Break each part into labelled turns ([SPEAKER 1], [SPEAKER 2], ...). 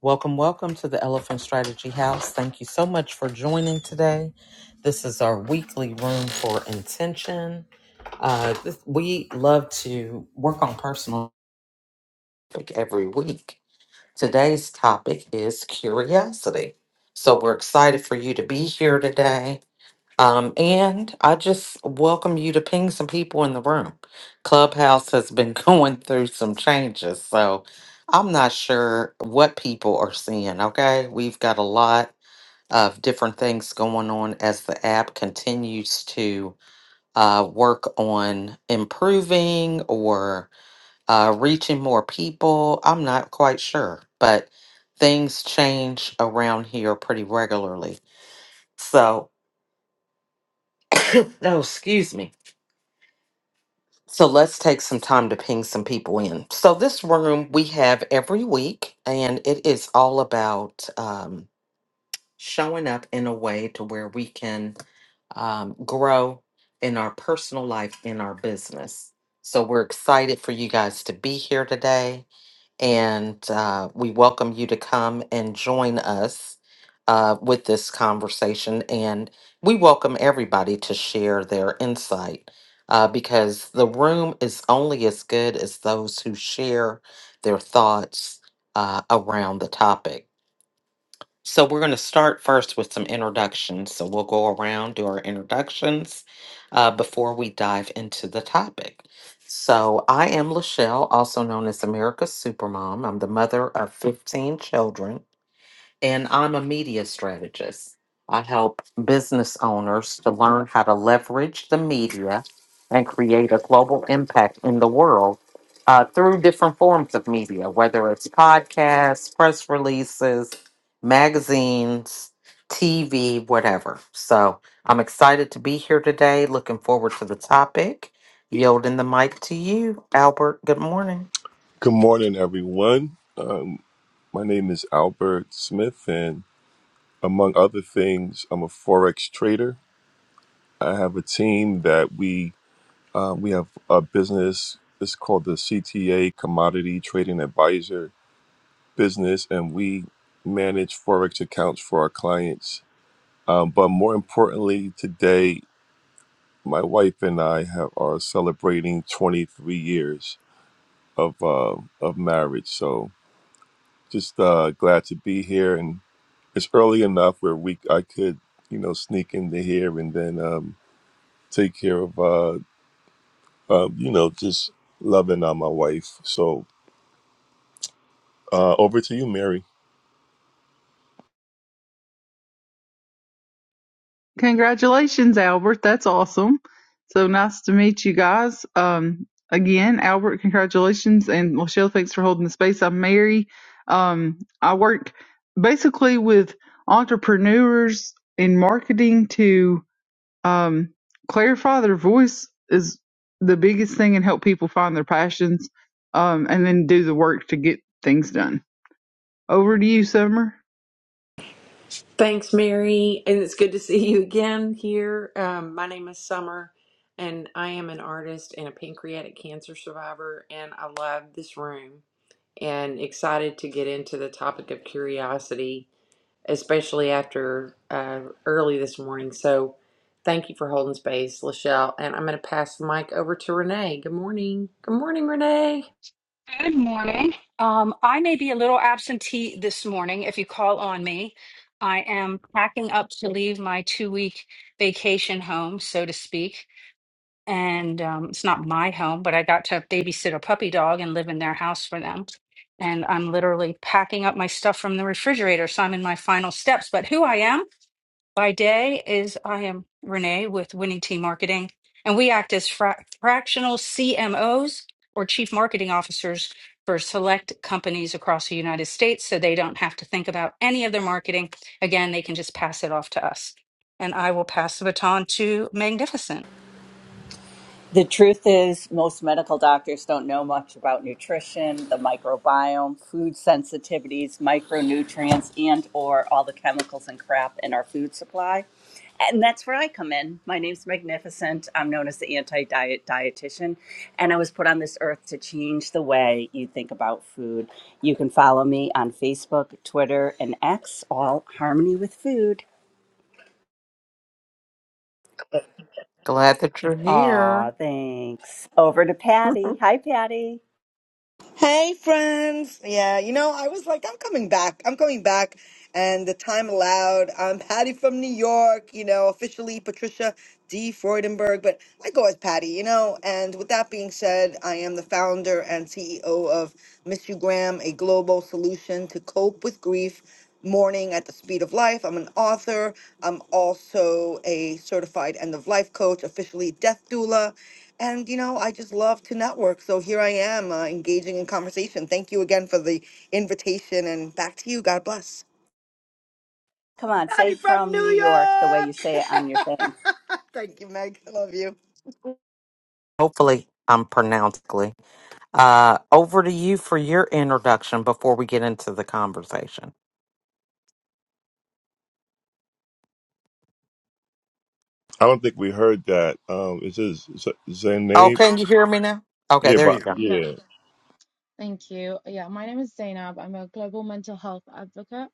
[SPEAKER 1] Welcome, welcome to the Elephant Strategy House. Thank you so much for joining today. This is our weekly room for intention. Uh, this, we love to work on personal topic every week. Today's topic is curiosity. So we're excited for you to be here today. Um, and I just welcome you to ping some people in the room. Clubhouse has been going through some changes, so I'm not sure what people are seeing. Okay, we've got a lot of different things going on as the app continues to uh, work on improving or uh, reaching more people. I'm not quite sure, but things change around here pretty regularly. So, no, excuse me. So let's take some time to ping some people in. So this room we have every week, and it is all about um, showing up in a way to where we can um, grow in our personal life, in our business. So we're excited for you guys to be here today and uh, we welcome you to come and join us uh, with this conversation. And we welcome everybody to share their insight uh, because the room is only as good as those who share their thoughts uh, around the topic. So we're going to start first with some introductions. So we'll go around, do our introductions uh, before we dive into the topic. So I am Lachelle, also known as America's Supermom. I'm the mother of 15 children and I'm a media strategist. I help business owners to learn how to leverage the media and create a global impact in the world uh, through different forms of media, whether it's podcasts, press releases, magazines, TV, whatever. So I'm excited to be here today. Looking forward to the topic. Yielding the mic to you, Albert. Good morning.
[SPEAKER 2] Good morning, everyone. Um, my name is Albert Smith, and among other things, I'm a forex trader. I have a team that we um, we have a business. It's called the CTA Commodity Trading Advisor business, and we manage forex accounts for our clients. Um, but more importantly, today, my wife and I have are celebrating 23 years of uh, of marriage. So just uh, glad to be here and it's early enough where we I could you know sneak into here and then um, take care of uh, uh, you know just loving on my wife. So uh, over to you, Mary.
[SPEAKER 3] Congratulations, Albert. That's awesome. So nice to meet you guys. Um, again, Albert, congratulations. And Michelle, thanks for holding the space. I'm Mary. Um, I work basically with entrepreneurs in marketing to um, clarify their voice is the biggest thing and help people find their passions um, and then do the work to get things done. Over to you, Summer.
[SPEAKER 4] Thanks, Mary, and it's good to see you again here. Um, my name is Summer, and I am an artist and a pancreatic cancer survivor, and I love this room and excited to get into the topic of curiosity, especially after uh, early this morning. So, thank you for holding space, Lachelle, and I'm going to pass the mic over to Renee. Good morning. Good morning, Renee.
[SPEAKER 5] Good morning. Um, I may be a little absentee this morning if you call on me. I am packing up to leave my two week vacation home, so to speak. And um, it's not my home, but I got to babysit a puppy dog and live in their house for them. And I'm literally packing up my stuff from the refrigerator. So I'm in my final steps. But who I am, by day is I am Renee with Winning Team Marketing, and we act as fra- fractional CMOs or Chief Marketing Officers for select companies across the United States so they don't have to think about any of their marketing. Again, they can just pass it off to us. And I will pass the baton to Magnificent.
[SPEAKER 6] The truth is, most medical doctors don't know much about nutrition, the microbiome, food sensitivities, micronutrients, and or all the chemicals and crap in our food supply. And that's where I come in. My name's Magnificent. I'm known as the anti-diet dietitian, and I was put on this earth to change the way you think about food. You can follow me on Facebook, Twitter, and X, all Harmony with Food.
[SPEAKER 1] Glad that you're
[SPEAKER 6] Aw,
[SPEAKER 1] here.
[SPEAKER 6] thanks. Over to Patty. Hi, Patty.
[SPEAKER 7] Hey, friends. Yeah, you know, I was like, I'm coming back. I'm coming back. And the time allowed. I'm Patty from New York, you know, officially Patricia D. Freudenberg, but I go as Patty, you know. And with that being said, I am the founder and CEO of Miss You Graham, a global solution to cope with grief, mourning at the speed of life. I'm an author. I'm also a certified end of life coach, officially death doula. And you know, I just love to network. So here I am uh, engaging in conversation. Thank you again for the invitation and back to you. God bless.
[SPEAKER 6] Come on, say
[SPEAKER 7] Patty from
[SPEAKER 6] from New
[SPEAKER 7] New
[SPEAKER 6] York the way you say it
[SPEAKER 7] York.
[SPEAKER 6] on your thing.
[SPEAKER 7] Thank you, Meg. I love you.
[SPEAKER 1] Hopefully, I'm pronouncedly. Uh, over to you for your introduction before we get into the conversation.
[SPEAKER 2] I don't think we heard that. Um, it says Z-
[SPEAKER 1] Oh,
[SPEAKER 2] Zainab.
[SPEAKER 1] can you hear me now? Okay,
[SPEAKER 2] Yeah,
[SPEAKER 1] there you
[SPEAKER 2] but
[SPEAKER 1] go.
[SPEAKER 8] Yeah,
[SPEAKER 2] yeah,
[SPEAKER 8] thank you. Yeah, my name is Zainab. I'm a global mental health advocate.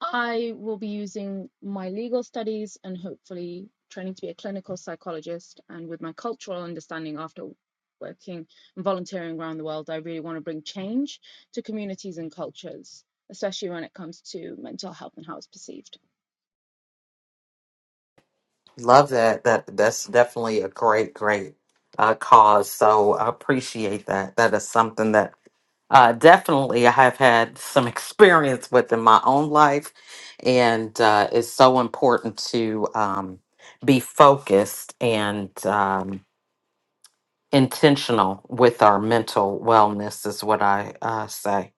[SPEAKER 8] I will be using my legal studies and hopefully training to be a clinical psychologist. And with my cultural understanding after working and volunteering around the world, I really want to bring change to communities and cultures, especially when it comes to mental health and how it's perceived.
[SPEAKER 1] Love that. That that's definitely a great, great uh, cause. So I appreciate that. That is something that uh, definitely I have had some experience with in my own life, and uh, it's so important to um, be focused and um, intentional with our mental wellness. Is what I uh, say.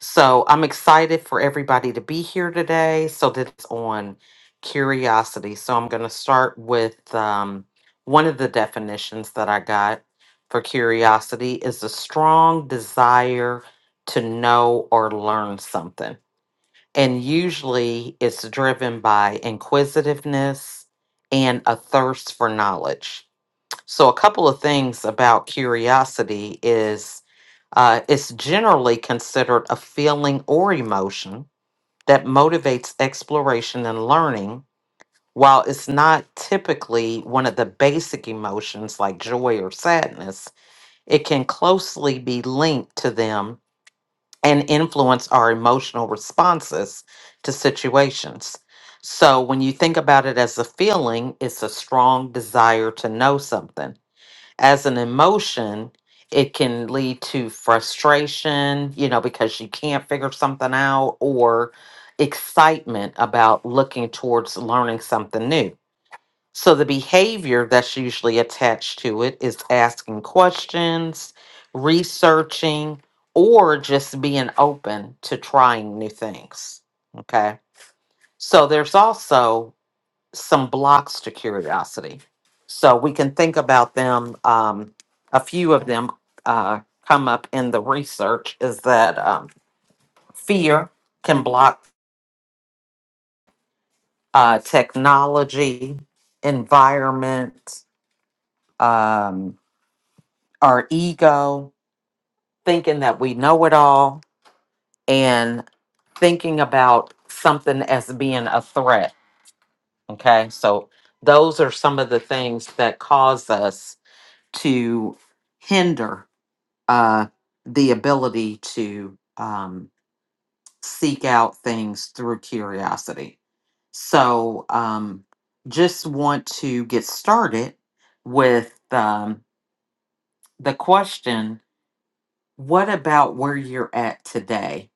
[SPEAKER 1] So I'm excited for everybody to be here today. So that's on curiosity. So I'm going to start with um, one of the definitions that I got for curiosity is a strong desire to know or learn something. And usually it's driven by inquisitiveness and a thirst for knowledge. So, a couple of things about curiosity is uh, it's generally considered a feeling or emotion that motivates exploration and learning, while it's not typically one of the basic emotions like joy or sadness. It can closely be linked to them and influence our emotional responses to situations. So, when you think about it as a feeling, it's a strong desire to know something as an emotion, it can lead to frustration, you know, because you can't figure something out, or excitement about looking towards learning something new. So, the behavior that's usually attached to it is asking questions, researching, or just being open to trying new things. Okay. So, there's also some blocks to curiosity. So we can think about them. Um, a few of them uh, come up in the research is that um, fear can block uh, technology, environment, um, our ego, thinking that we know it all, and thinking about something as being a threat. Okay. So those are some of the things that cause us to hinder uh, the ability to um, seek out things through curiosity. So, um, just want to get started with um, the question What about where you're at today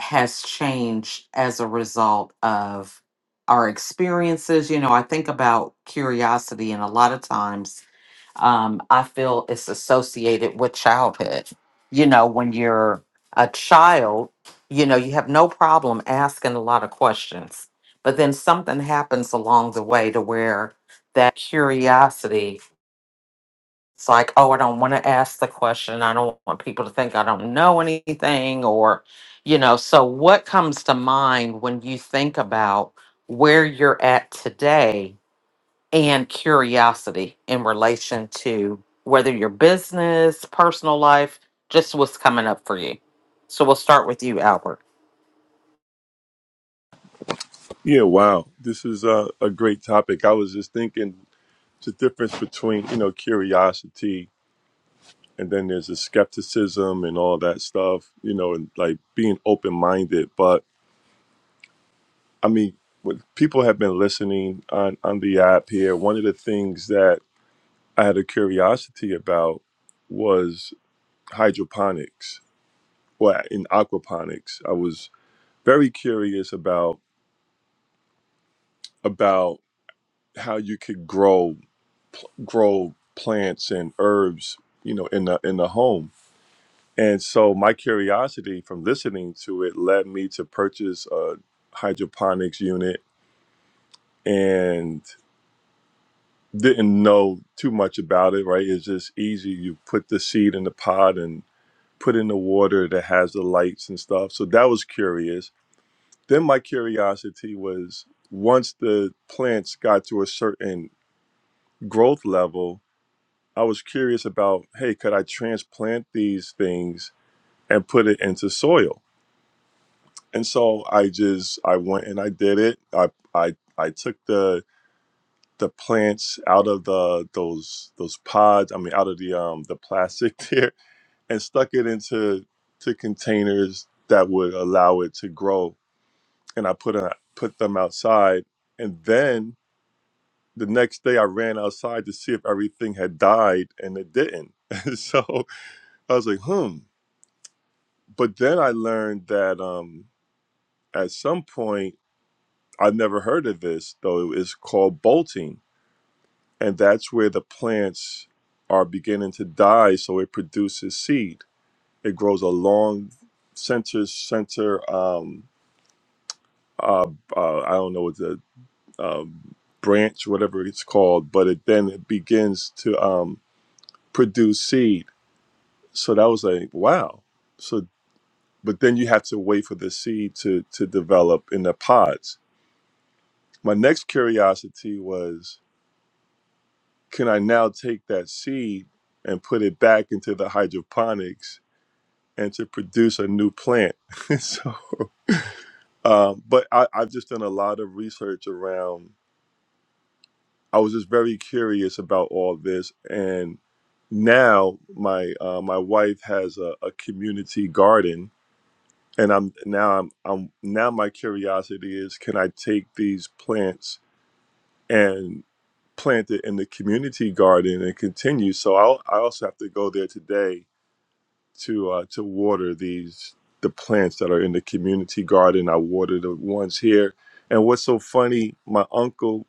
[SPEAKER 1] has changed as a result of our experiences? You know, I think about curiosity, and a lot of times um, I feel it's associated with childhood. You know, when you're a child, you know, you have no problem asking a lot of questions, but then something happens along the way to where that curiosity, it's like, oh, I don't want to ask the question. I don't want people to think I don't know anything, or, you know, so what comes to mind when you think about where you're at today? and curiosity in relation to whether your business, personal life, just what's coming up for you. So we'll start with you, Albert.
[SPEAKER 2] yeah. Wow, this is a, a great topic. I was just thinking the difference between you know curiosity and then there's the skepticism and all that stuff. You know, and like being open minded, but I mean, when people have been listening on, on the app here, one of the things that I had a curiosity about was hydroponics, well, in aquaponics. I was very curious about about how you could grow pl- grow plants and herbs, you know, in the in the home. And so my curiosity from listening to it led me to purchase a hydroponics unit and. didn't know too much about it, right? It's just easy. You put the seed in the pot and put in the water that has the lights and stuff. So that was curious. Then my curiosity was once the plants got to a certain growth level, I was curious about, hey, could I transplant these things and put it into soil? And so I just I went and I did it. I I I took the the plants out of the those those pods i mean out of the um the plastic there and stuck it into to containers that would allow it to grow and i put a, put them outside and then the next day i ran outside to see if everything had died and it didn't and so i was like hmm but then i learned that um at some point i never heard of this though it's called bolting and that's where the plants are beginning to die so it produces seed it grows a long center center um uh, uh i don't know what the um branch whatever it's called but it then it begins to um produce seed so that was like wow so but then you have to wait for the seed to to develop in the pods my next curiosity was can i now take that seed and put it back into the hydroponics and to produce a new plant. so, um, but I, I've just done a lot of research around. I was just very curious about all this, and now my uh, my wife has a, a community garden, and I'm now I'm, I'm now my curiosity is can I take these plants and plant it in the community garden and continue? So I'll, I also have to go there today to uh, to water these the plants that are in the community garden. I water the ones here. And what's so funny, my uncle,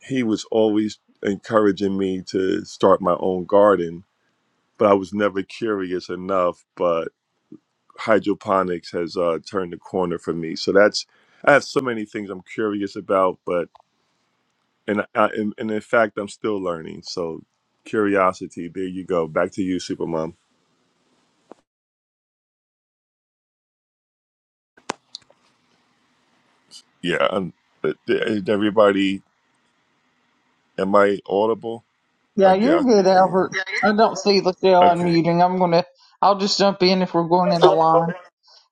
[SPEAKER 2] he was always encouraging me to start my own garden, but I was never curious enough. But hydroponics has uh, turned the corner for me. So that's I have so many things I'm curious about, but and I, and and in fact, I'm still learning. So curiosity, there you go. Back to you, Supermom. Yeah, i everybody Am I audible? I
[SPEAKER 3] Yeah,
[SPEAKER 2] get.
[SPEAKER 3] you're
[SPEAKER 2] I
[SPEAKER 3] good,
[SPEAKER 2] think I am.
[SPEAKER 3] Albert. I don't see Lachelle
[SPEAKER 2] Okay.
[SPEAKER 3] unmuting. I'm gonna, I'll just jump in if we're going in the line.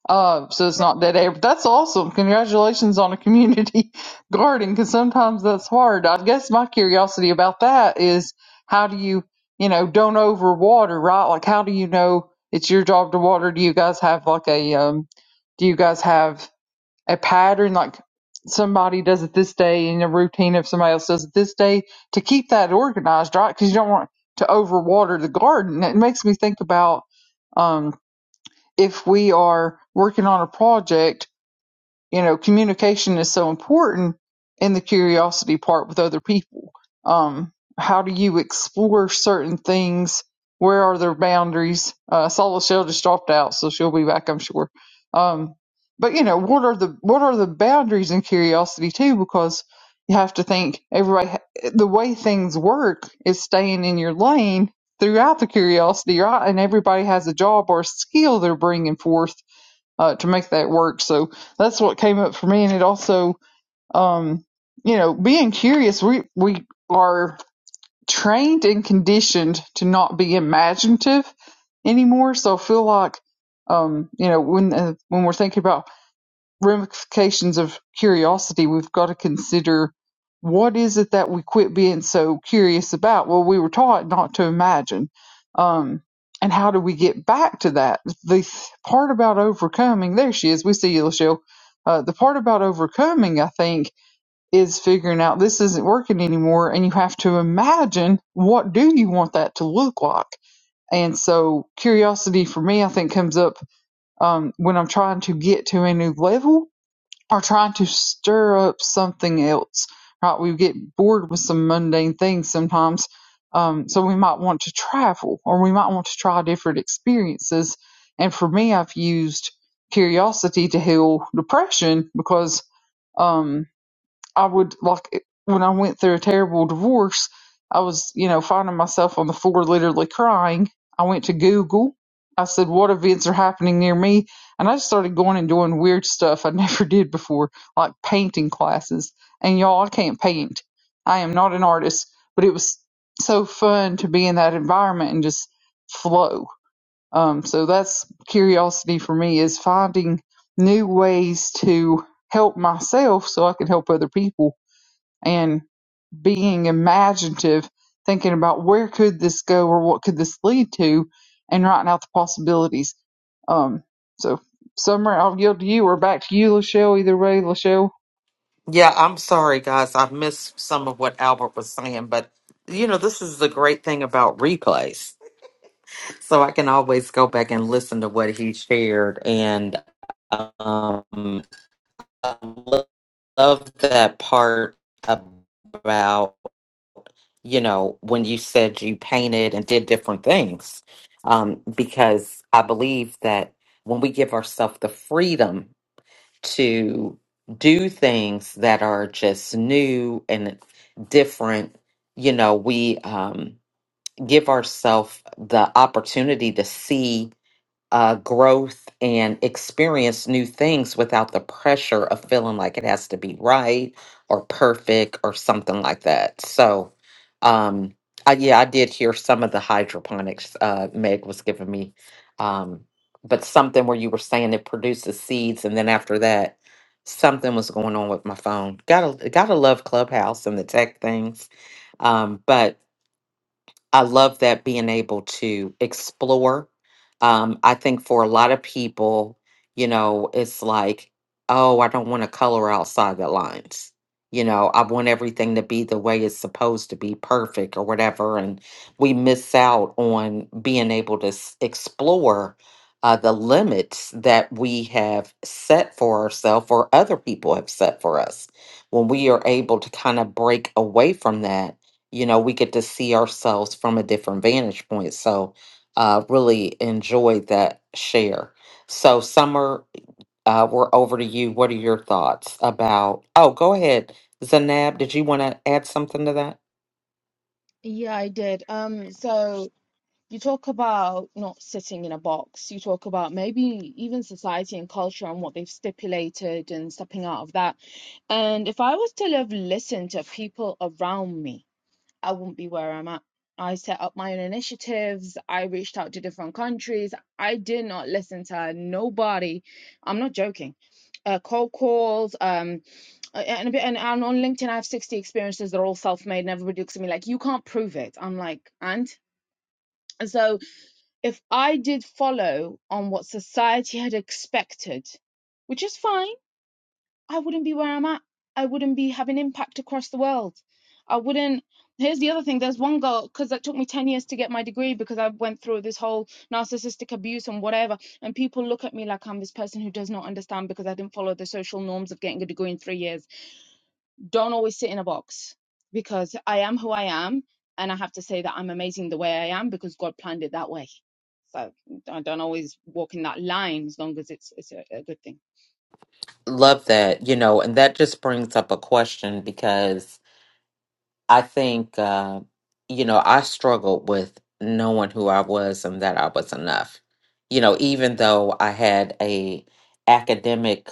[SPEAKER 3] Uh, so it's not dead air. But that's awesome. Congratulations on a community garden, because sometimes that's hard. I guess my curiosity about that is how do you, you know, don't overwater, right? Like, how do you know it's your job to water? Do you guys have like a, um, do you guys have a pattern like somebody does it this day and a routine if somebody else does it this day to keep that organized right because you don't want to overwater the garden it makes me think about um, if we are working on a project you know, communication is so important in the curiosity part with other people. Um, how do you explore certain things? Where are their boundaries? Uh, Solace just dropped out, so she'll be back, I'm sure. Um, but you know, what are the what are the boundaries in curiosity too? Because you have to think everybody. ha- The way things work is staying in your lane throughout the curiosity, right? And everybody has a job or a skill they're bringing forth uh, to make that work. So that's what came up for me. And it also, um, you know, being curious, we, we are trained and conditioned to not be imaginative anymore. So I feel like, um, you know, when, uh, when we're thinking about ramifications of curiosity, we've got to consider what is it that we quit being so curious about? Well, we were taught not to imagine. Um, and how do we get back to that? The th- part about overcoming, there she is. We see you, Lachelle. Uh, the part about overcoming, I think, is figuring out this isn't working anymore, and you have to imagine what do you want that to look like. And so, curiosity for me, I think, comes up um, when I'm trying to get to a new level are trying to stir up something else, right? We get bored with some mundane things sometimes. Um, so we might want to travel or we might want to try different experiences. And for me, I've used curiosity to heal depression because, um, I would like it- when I went through a terrible divorce, I was, you know, finding myself on the floor literally crying. I went to Google. I said, What events are happening near me? And I just started going and doing weird stuff I never did before, like painting classes. And y'all, I can't paint. I am not an artist, but it was so fun to be in that environment and just flow. Um, so that's curiosity for me is finding new ways to help myself so I can help other people and being imaginative, thinking about where could this go or what could this lead to, and writing out the possibilities. Um, so, Summer, I'll yield to you or back to you, Lachelle. Either way, Lachelle.
[SPEAKER 1] Yeah, I'm sorry, guys. I missed some of what Albert was saying, but you know, this is the great thing about replays. So I can always go back and listen to what he shared. And um, I love that part about you know, when you said you painted and did different things. Um, because I believe that when we give ourselves the freedom to do things that are just new and different, you know, we um, give ourselves the opportunity to see uh, growth and experience new things without the pressure of feeling like it has to be right or perfect or something like that. So, um, I, yeah, I did hear some of the hydroponics uh, Meg was giving me, um, but something where you were saying it produces seeds, and then after that, something was going on with my phone. Gotta gotta love Clubhouse and the tech things, um, but I love that being able to explore. Um, I think for a lot of people, you know, it's like, oh, I don't want to color outside the lines. You know, I want everything to be the way it's supposed to be, perfect or whatever. And we miss out on being able to s- explore uh, the limits that we have set for ourselves or other people have set for us. When we are able to kind of break away from that you know we get to see ourselves from a different vantage point so uh really enjoyed that share so summer uh we're over to you what are your thoughts about oh go ahead zanab did you want to add something to that
[SPEAKER 8] Yeah, I did. Um, so You talk about not sitting in a box. You talk about maybe even society and culture and what they've stipulated and stepping out of that. And if I was to have listened to people around me, I wouldn't be where I'm at. I set up my own initiatives. I reached out to different countries. I did not listen to nobody. I'm not joking. Uh, cold calls. Um, uh, and, a bit- and and on LinkedIn, I have 60 experiences. They're all self-made, and everybody looks at me like, "You can't prove it." I'm like, "And?" and so if I did follow on what society had expected, which is fine, I wouldn't be where I'm at. I wouldn't be having impact across the world. I wouldn't. Here's the other thing. There's one girl because it took me ten years to get my degree because I went through this whole narcissistic abuse and whatever. And people look at me like I'm this person who does not understand because I didn't follow the social norms of getting a degree in three years don't always sit in a box because I am who I am. And I have to say that I'm amazing the way I am because God planned it that way. So I don't always walk in that line as long as it's, it's a, a good thing.
[SPEAKER 1] love that you know and that just brings up a question because I think, uh, you know, I struggled with knowing who I was and that I was enough. You know, even though I had a academic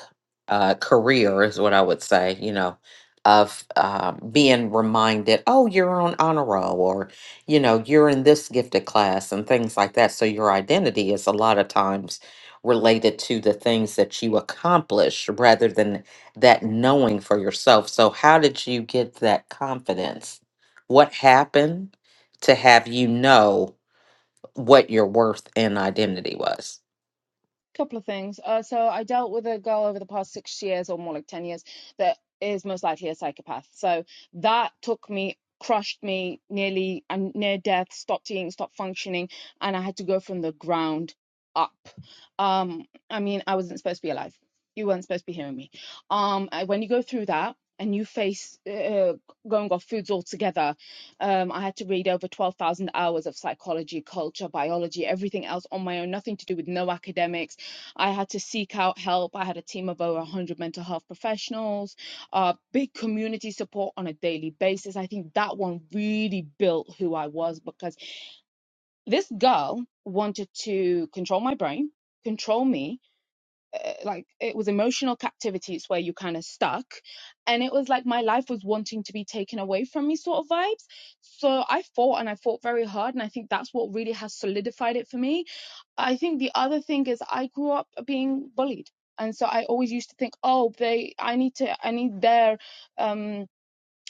[SPEAKER 1] uh, career, is what I would say. You know, of um, being reminded, oh, you're on honor roll, or you know, you're in this gifted class and things like that. So your identity is a lot of times related to the things that you accomplish rather than that knowing for yourself. So, how did you get that confidence? What happened to have you know what your worth and identity was?
[SPEAKER 8] couple of things. Uh, so I dealt with a girl over the past six years or more like 10 years that is most likely a psychopath. So that took me, crushed me nearly, I'm near death, stopped eating, stopped functioning, and I had to go from the ground up. Um, I mean, I wasn't supposed to be alive. You weren't supposed to be hearing me. Um, I- when you go through that, and you face uh, going off foods altogether. Um, I had to read over 12,000 hours of psychology, culture, biology, everything else on my own, nothing to do with no academics, I had to seek out help. I had a team of over 100 mental health professionals, uh, big community support on a daily basis. I think that one really built who I was because this girl wanted to control my brain, control me. Uh, like it was emotional captivity, it's where you kind of stuck. And it was like my life was wanting to be taken away from me, sort of vibes. So I fought and I fought very hard. And I think that's what really has solidified it for me I think the other thing is I grew up being bullied, and so I always used to think, oh, they, I need to, I need their um,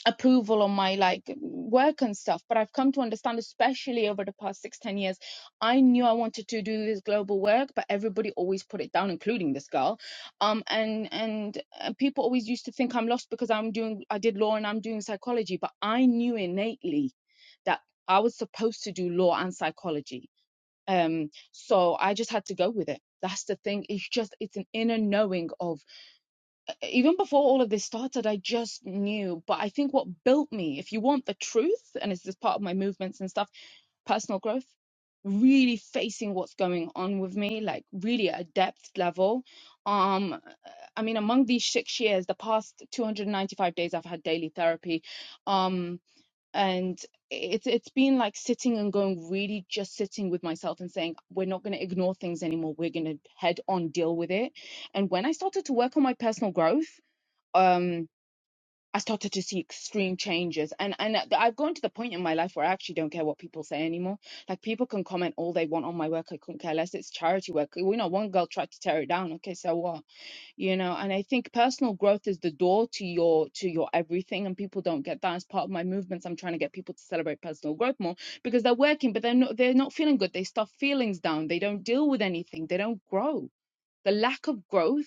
[SPEAKER 8] approval on my like work and stuff. But I've come to understand, especially over the past six, ten years, I knew I wanted to do this global work, but everybody always put it down, including this girl. Um, and and uh, people always used to think I'm lost because I'm doing, I did law and I'm doing psychology, but I knew innately that I was supposed to do law and psychology um so i just had to go with it that's the thing it's just it's an inner knowing of e-, even before all of this started i just knew but i think what built me if you want the truth and it's just part of my movements and stuff personal growth really facing what's going on with me like really at a depth level um uh, i mean among these six years the past 295 days i've had daily therapy um and it's it's been like sitting and going really just sitting with myself and saying we're not going to ignore things anymore we're going to head on deal with it and when i started to work on my personal growth um i started to see extreme changes and and I- have gone to the point in my life where i actually don't care what people say anymore like people can comment all they want on my work i couldn't care less it's charity work you know one girl tried to tear it down okay so what you know and i think personal growth is the door to your to your everything and people don't get that as part of my movements i'm trying to get people to celebrate personal growth more because they're working but they're not they're not feeling good they stuff feelings down they don't deal with anything they don't grow the lack of growth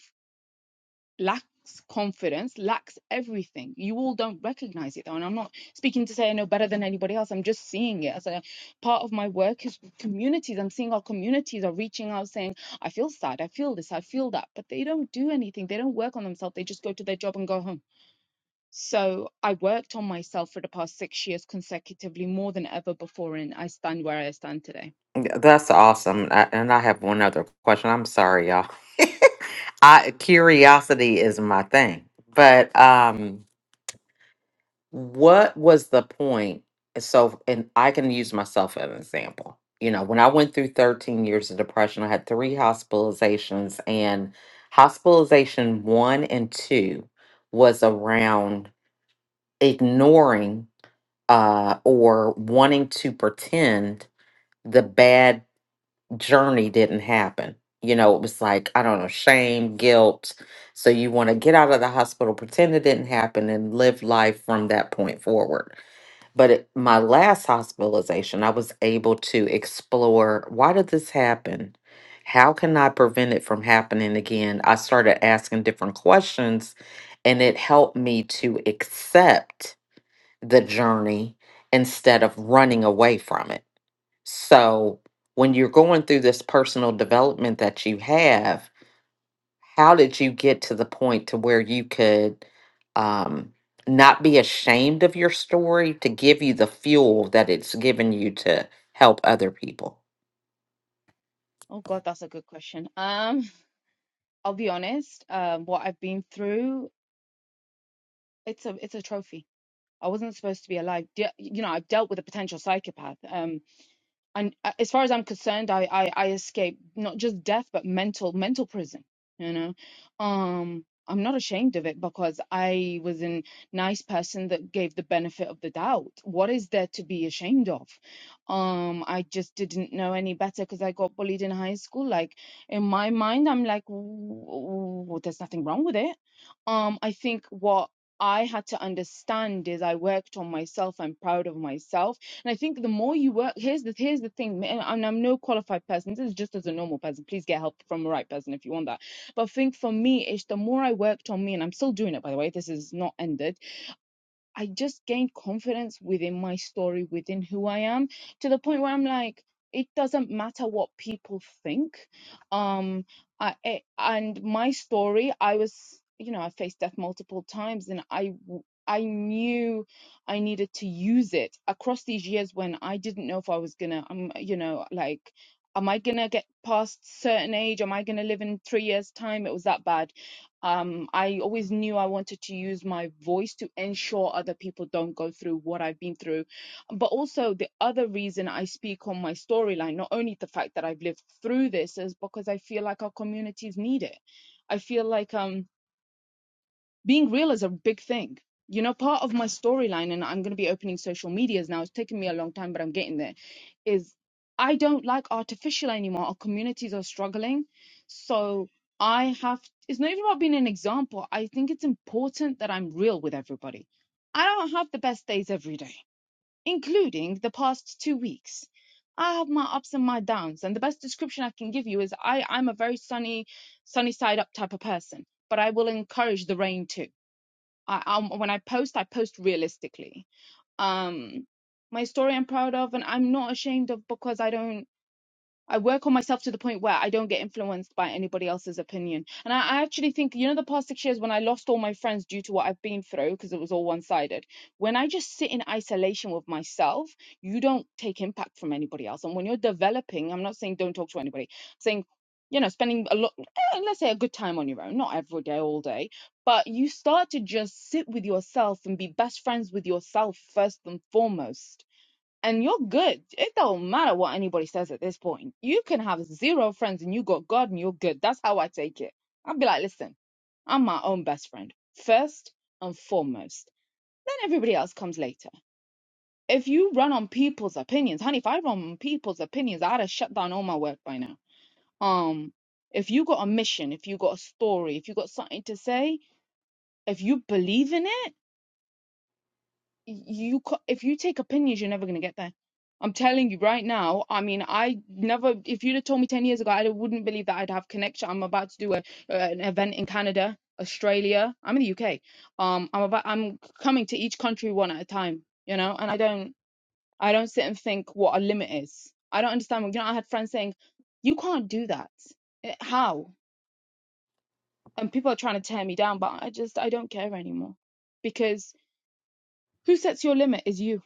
[SPEAKER 8] lacks confidence, lacks everything. You all don't recognize it though. And I'm not speaking to say I know better than anybody else. I'm just seeing it as a part of my work is communities. I'm seeing our communities are reaching out saying, I feel sad, I feel this, I feel that. But they don't do anything. They don't work on themselves. They just go to their job and go home. So I worked on myself for the past six years consecutively, more than ever before, and I stand where I stand today.
[SPEAKER 1] Yeah, That's awesome. I, and I have one other question. I'm sorry, y'all. I curiosity is my thing, but um, what was the point? So, and I can use myself as an example. You know, when I went through 13 years of depression, I had three hospitalizations, and hospitalization one and two was around ignoring uh, or wanting to pretend the bad journey didn't happen. You know, it was like, I don't know, shame, guilt. So you want to get out of the hospital, pretend it didn't happen, and live life from that point forward but at my last hospitalization, I was able to explore why did this happen? How can I prevent it from happening again? I started asking different questions, and it helped me to accept the journey instead of running away from it. So, when you're going through this personal development that you have, how did you get to the point to where you could um, not be ashamed of your story to give you the fuel that it's given you to help other people?
[SPEAKER 8] Oh God, that's a good question. Um, I'll be honest. Um, what I've been through, it's a it's a trophy I wasn't supposed to be alive. De- you know, I've dealt with a potential psychopath. Um, and uh, as far as I'm concerned, I, I I escaped not just death but mental mental prison. You know, um, I'm not ashamed of it because I was a nice person that gave the benefit of the doubt. What is there to be ashamed of? Um, I just didn't know any better because I got bullied in high school. Like in my mind, I'm like, "Ooh, there's nothing wrong with it. Um, I think what I had to understand is I worked on myself. I'm proud of myself and I think the more you work, here's the here's the thing, and I'm, I'm no qualified person. This is just as a normal person. Please get help from the right person if you want that. But I think for me, it's the more I worked on me, and I'm still doing it by the way. This is not ended I just gained confidence within my story, within who I am, to the point where I'm like, it doesn't matter what people think. Um, I, I- and my story, I was, you know, I faced death multiple times, and I, w- I knew I needed to use it across these years when I didn't know if I was gonna, um, you know, like, am I gonna get past certain age? Am I gonna live in three years' time? It was that bad um, I always knew I wanted to use my voice to ensure other people don't go through what I've been through. But also, the other reason I speak on my storyline, not only the fact that I've lived through this, is because I feel like our communities need it. I feel like, um, being real is a big thing. You know, part of my storyline, and I'm going to be opening social medias now. It's taken me a long time, but I'm getting there. Is I don't like artificial anymore. Our communities are struggling, so I have. It's not even about being an example. I think it's important that I'm real with everybody. I don't have the best days every day, including the past two weeks. I have my ups and my downs, and the best description I can give you is I, I'm a very sunny, sunny side up type of person, but I will encourage the rain too I, um, when I post, I post realistically. Um, my story I'm proud of, and I'm not ashamed of because I don't. I work on myself to the point where I don't get influenced by anybody else's opinion. And I, I actually think, you know, the past six years when I lost all my friends due to what I've been through, because it was all one sided, when I just sit in isolation with myself, you don't take impact from anybody else. And when you're developing, I'm not saying don't talk to anybody, I'm saying, you know, spending a lot, eh, let's say a good time on your own, not every day, all day, but you start to just sit with yourself and be best friends with yourself first and foremost and you're good. It don't matter what anybody says at this point. You can have zero friends and you got God and you're good. That's how I take it. I'd be like, listen, I'm my own best friend first and foremost. Then everybody else comes later. If you run on people's opinions, honey, if I run on people's opinions, I'd have shut down all my work by now. Um, if you got a mission, if you got a story, if you got something to say, if you believe in it you ca- if you take opinions you're never going to get there i'm telling you right now i mean i never if you'd have told me 10 years ago i wouldn't believe that i'd have connection i'm about to do a, an event in canada australia i'm in the uk um i'm about i'm coming to each country one at a time you know and i don't i don't sit and think what a limit is i don't understand you know i had friends saying you can't do that Eh, how and people are trying to tear me down but i just i don't care anymore because who sets your limit is you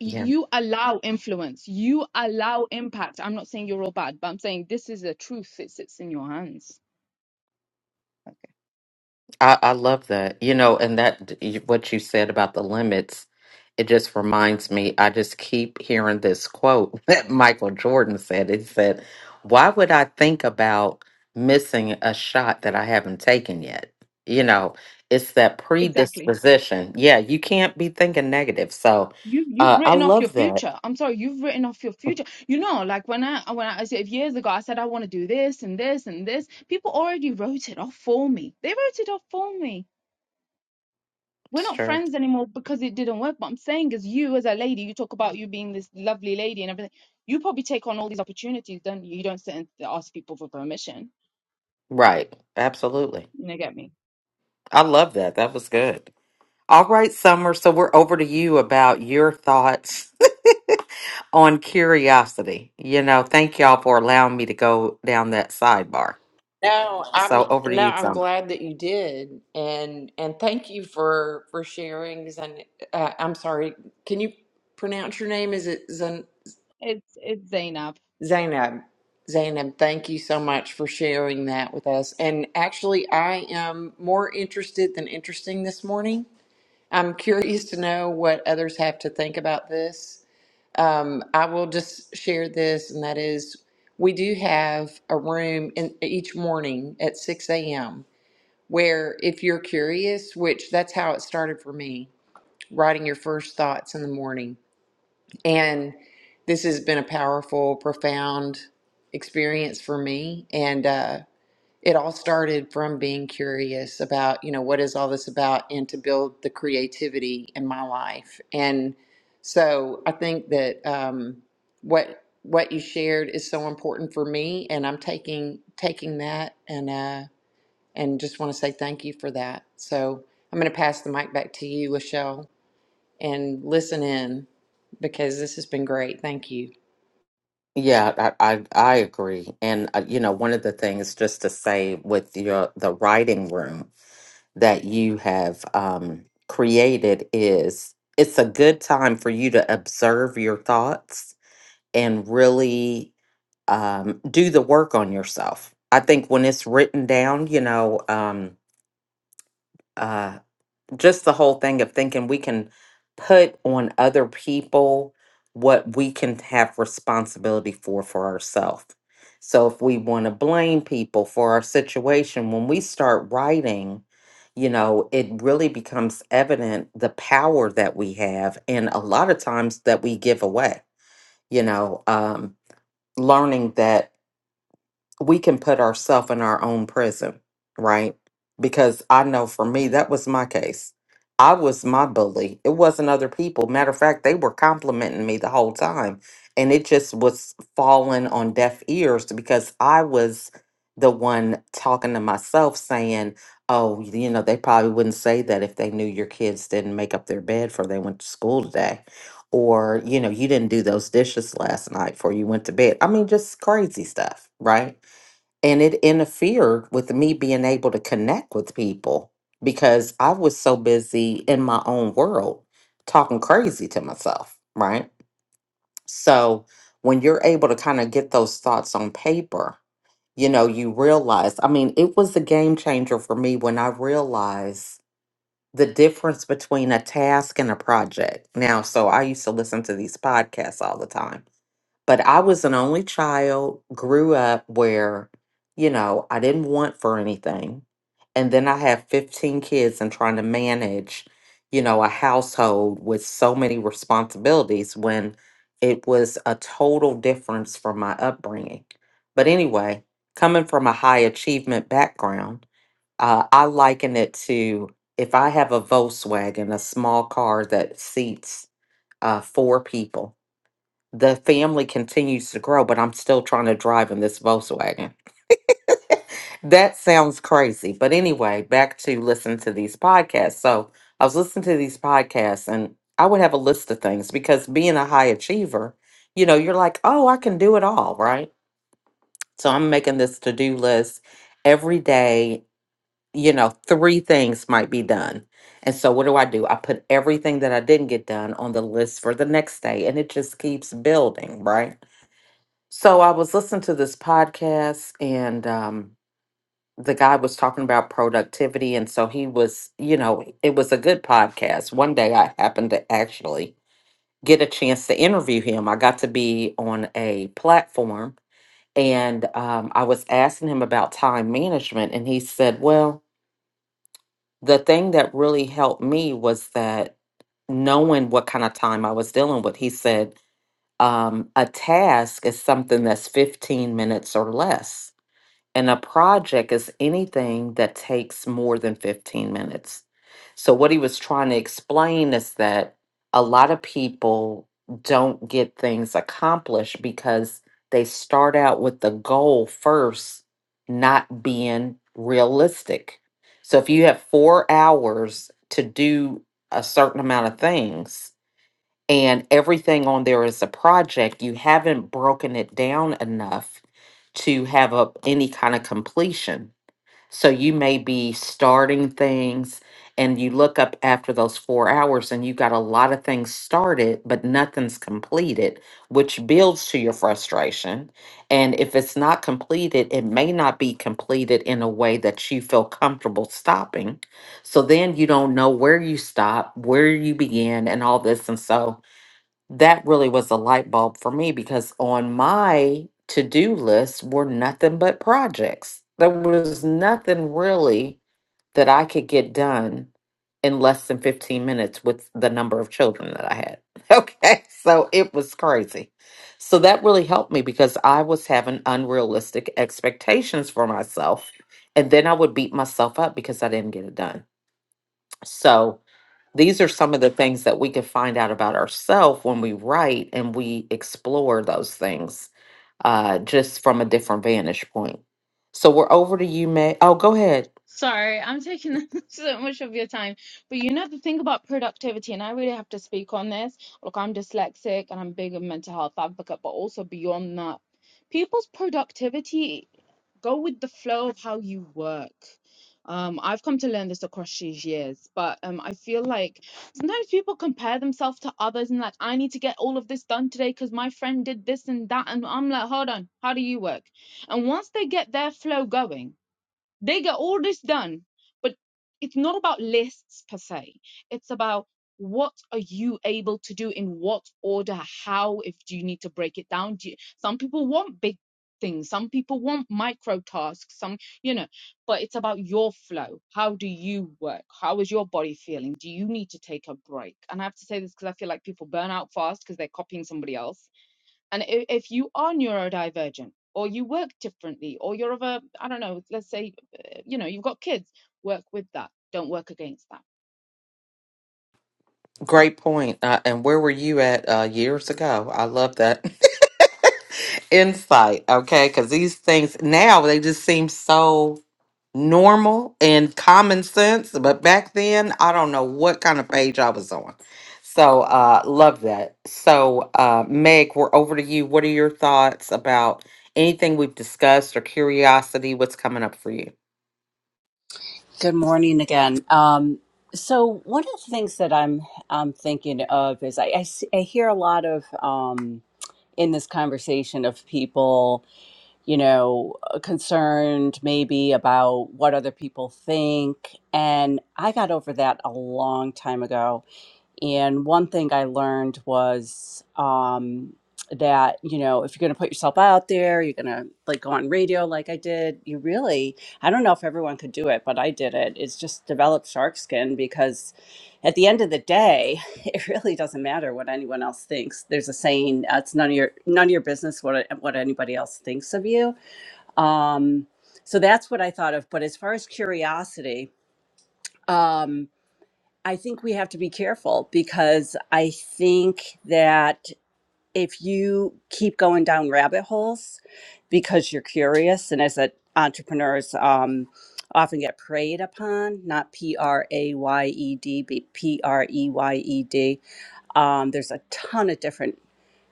[SPEAKER 8] you allow influence you allow impact i'm not saying you're all bad but i'm saying this is the truth it sits in your hands
[SPEAKER 1] I, I love that. You know, and that what you said about the limits, it just reminds me. I just keep hearing this quote that Michael Jordan said. It said, Why would I think about missing a shot that I haven't taken yet? You know, it's that
[SPEAKER 8] Exactly.
[SPEAKER 1] predisposition. Yeah, you can't be thinking negative. So
[SPEAKER 8] you you've
[SPEAKER 1] uh, I
[SPEAKER 8] written off your
[SPEAKER 1] love that.
[SPEAKER 8] future i'm sorry you've written off your future you know like when i when i I said years ago i said i want to do this and this and this people already wrote it off for me they wrote it off for me we're not
[SPEAKER 1] Sure.
[SPEAKER 8] friends anymore because it didn't work but i'm saying as you as a lady you talk about you being this lovely lady and everything you probably take on all these opportunities don't you you don't sit and ask people for permission
[SPEAKER 1] Right. Absolutely.
[SPEAKER 8] you know get me
[SPEAKER 1] I love that. That was good. All right, Summer. So we're over to you about your thoughts on curiosity. You know, thank y'all for allowing me to go down that sidebar.
[SPEAKER 4] No,
[SPEAKER 1] So
[SPEAKER 4] I'm
[SPEAKER 1] over to
[SPEAKER 4] no,
[SPEAKER 1] you,
[SPEAKER 4] I'm
[SPEAKER 1] Summer.
[SPEAKER 4] glad that you did, and and thank you for for sharing. Zain, uh, I'm sorry. Can you pronounce your name? Is it Zain,
[SPEAKER 8] It's it's Zainab.
[SPEAKER 4] Zainab? Zainab, thank you so much for sharing that with us. And actually, I am more interested than interesting this morning. I'm curious to know what others have to think about this. Um, I will just share this, and that is, we do have a room in each morning at 6 a.m where if you're curious, which that's how it started for me, writing your first thoughts in the morning. And this has been a powerful, profound experience for me. And uh, it all started from being curious about, you know, what is all this about and to build the creativity in my life. And so I think that um, what what you shared is so important for me and I'm taking taking that and uh and just want to say thank you for that. So I'm going to pass the mic back to you, Lachelle, and listen in because this has been great. Thank you.
[SPEAKER 1] Yeah, I I, I agree. And uh, you know, one of the things just to say with your the writing room that you have um, created is it's a good time for you to observe your thoughts and really um, do the work on yourself. I think when it's written down, you know, um, uh, just the whole thing of thinking we can put on other people what we can have responsibility for for ourselves. So if we want to blame people for our situation, when we start writing, you know, it really becomes evident the power that we have, and a lot of times that we give away. You know, um, learning that. we can put ourselves in our own prison, right? Because I know for me, that was my case. I was my bully. It wasn't other people. Matter of fact, they were complimenting me the whole time. And it just was falling on deaf ears because I was the one talking to myself saying, oh, you know, they probably wouldn't say that if they knew your kids didn't make up their bed for they went to school today. Or, you know, you didn't do those dishes last night before you went to bed. I mean, just crazy stuff, right? and it interfered with me being able to connect with people because I was so busy in my own world talking crazy to myself, right? So when you're able to kind of get those thoughts on paper, you know, you realize, I mean, it was a game changer for me when I realized the difference between a task and a project. Now, so I used to listen to these podcasts all the time but I was an only child, grew up where, you know, I didn't want for anything. And then I have 15 kids and trying to manage, you know, a household with so many responsibilities when it was a total difference from my upbringing. But anyway, coming from a high achievement background, uh, I liken it to if I have a Volkswagen, a small car that seats uh, four people the family continues to grow, but I'm still trying to drive in this Volkswagen. that sounds crazy. But anyway, back to listen to these podcasts. So I was listening to these podcasts and I would have a list of things because being a high achiever, you know, you're like, oh, I can do it all, right? So I'm making this to do list every day. You know, three things might be done. And so what do I do? I put everything that I didn't get done on the list for the next day and it just keeps building, right? So I was listening to this podcast and um the guy was talking about productivity and so he was, you know, it was a good podcast. One day I happened to actually get a chance to interview him. I got to be on a platform and um I was asking him about time management and he said, "Well, the thing that really helped me was that knowing what kind of time I was dealing with." He said, um, a task is something that's 15 minutes or less And a project is anything that takes more than 15 minutes. So, what he was trying to explain is that a lot of people don't get things accomplished because they start out with the goal first, not being realistic. So, if you have four hours to do a certain amount of things, and everything on there is a project, you haven't broken it down enough to have up any kind of completion. So you may be starting things and you look up after those four hours and you got a lot of things started, but nothing's completed, which builds to your frustration. And if it's not completed, it may not be completed in a way that you feel comfortable stopping. So then you don't know where you stop, where you begin, and all this. And so that really was a light bulb for me because on my to do list were nothing but projects. There was nothing really that I could get done in less than 15 minutes with the number of children that I had. Okay. So it was crazy. So that really helped me because I was having unrealistic expectations for myself. And then I would beat myself up because I didn't get it done. So, these are some of the things that we could find out about ourselves when we write and we explore those things uh, just from a different vantage point. So we're over to you, May. Oh, go ahead.
[SPEAKER 8] Sorry, I'm taking so much of your time. But you know the thing about productivity, and I really have to speak on this. Look, I'm dyslexic and I'm big a mental health advocate, but also beyond that, people's productivity go with the flow of how you work. Um, I've come to learn this across these years, but um, I feel like sometimes people compare themselves to others and like I need to get all of this done today because my friend did this and that, and I'm like, hold on, how do you work? And once they get their flow going They get all this done, but it's not about lists per se. It's about what are you able to do in what order? How, if do you need to break it down? Do you, some people want big things, some people want micro tasks, some, you know, but it's about your flow. How do you work? How is your body feeling? Do you need to take a break? And I have to say this because I feel like people burn out fast because they're copying somebody else and i- if you are neurodivergent or you work differently or you're of a, I don't know, let's say, uh, you know, you've got kids, work with that. Don't work against that.
[SPEAKER 1] Great point. Uh, and where were you at uh, years ago? I love that insight. Okay, because these things now they just seem so normal and common sense. But back then, I don't know what kind of page I was on. So, uh, love that. So, uh, Meg, we're over to you. What are your thoughts about anything we've discussed or curiosity? What's coming up for you?
[SPEAKER 6] Good morning again. Um, so one of the things that I'm I'm thinking of is I I, s- I hear a lot of um, in this conversation of people. you know, uh, concerned maybe about what other people think. And I got over that a long time ago. And one thing I learned was um, that, you know, if you're going to put yourself out there, you're going to like go on radio like I did, you really, I don't know if everyone could do it, but I did it. It's just develop shark skin because at the end of the day, it really doesn't matter what anyone else thinks. There's a saying, uh, "It's none of your none of your business what what anybody else thinks of you." Um, so that's what I thought of. But as far as curiosity, um, I think we have to be careful because I think that if you keep going down rabbit holes because you're curious, and as a, entrepreneurs um, often get preyed upon, not P R A Y E D, but P R E Y E D um, there's a ton of different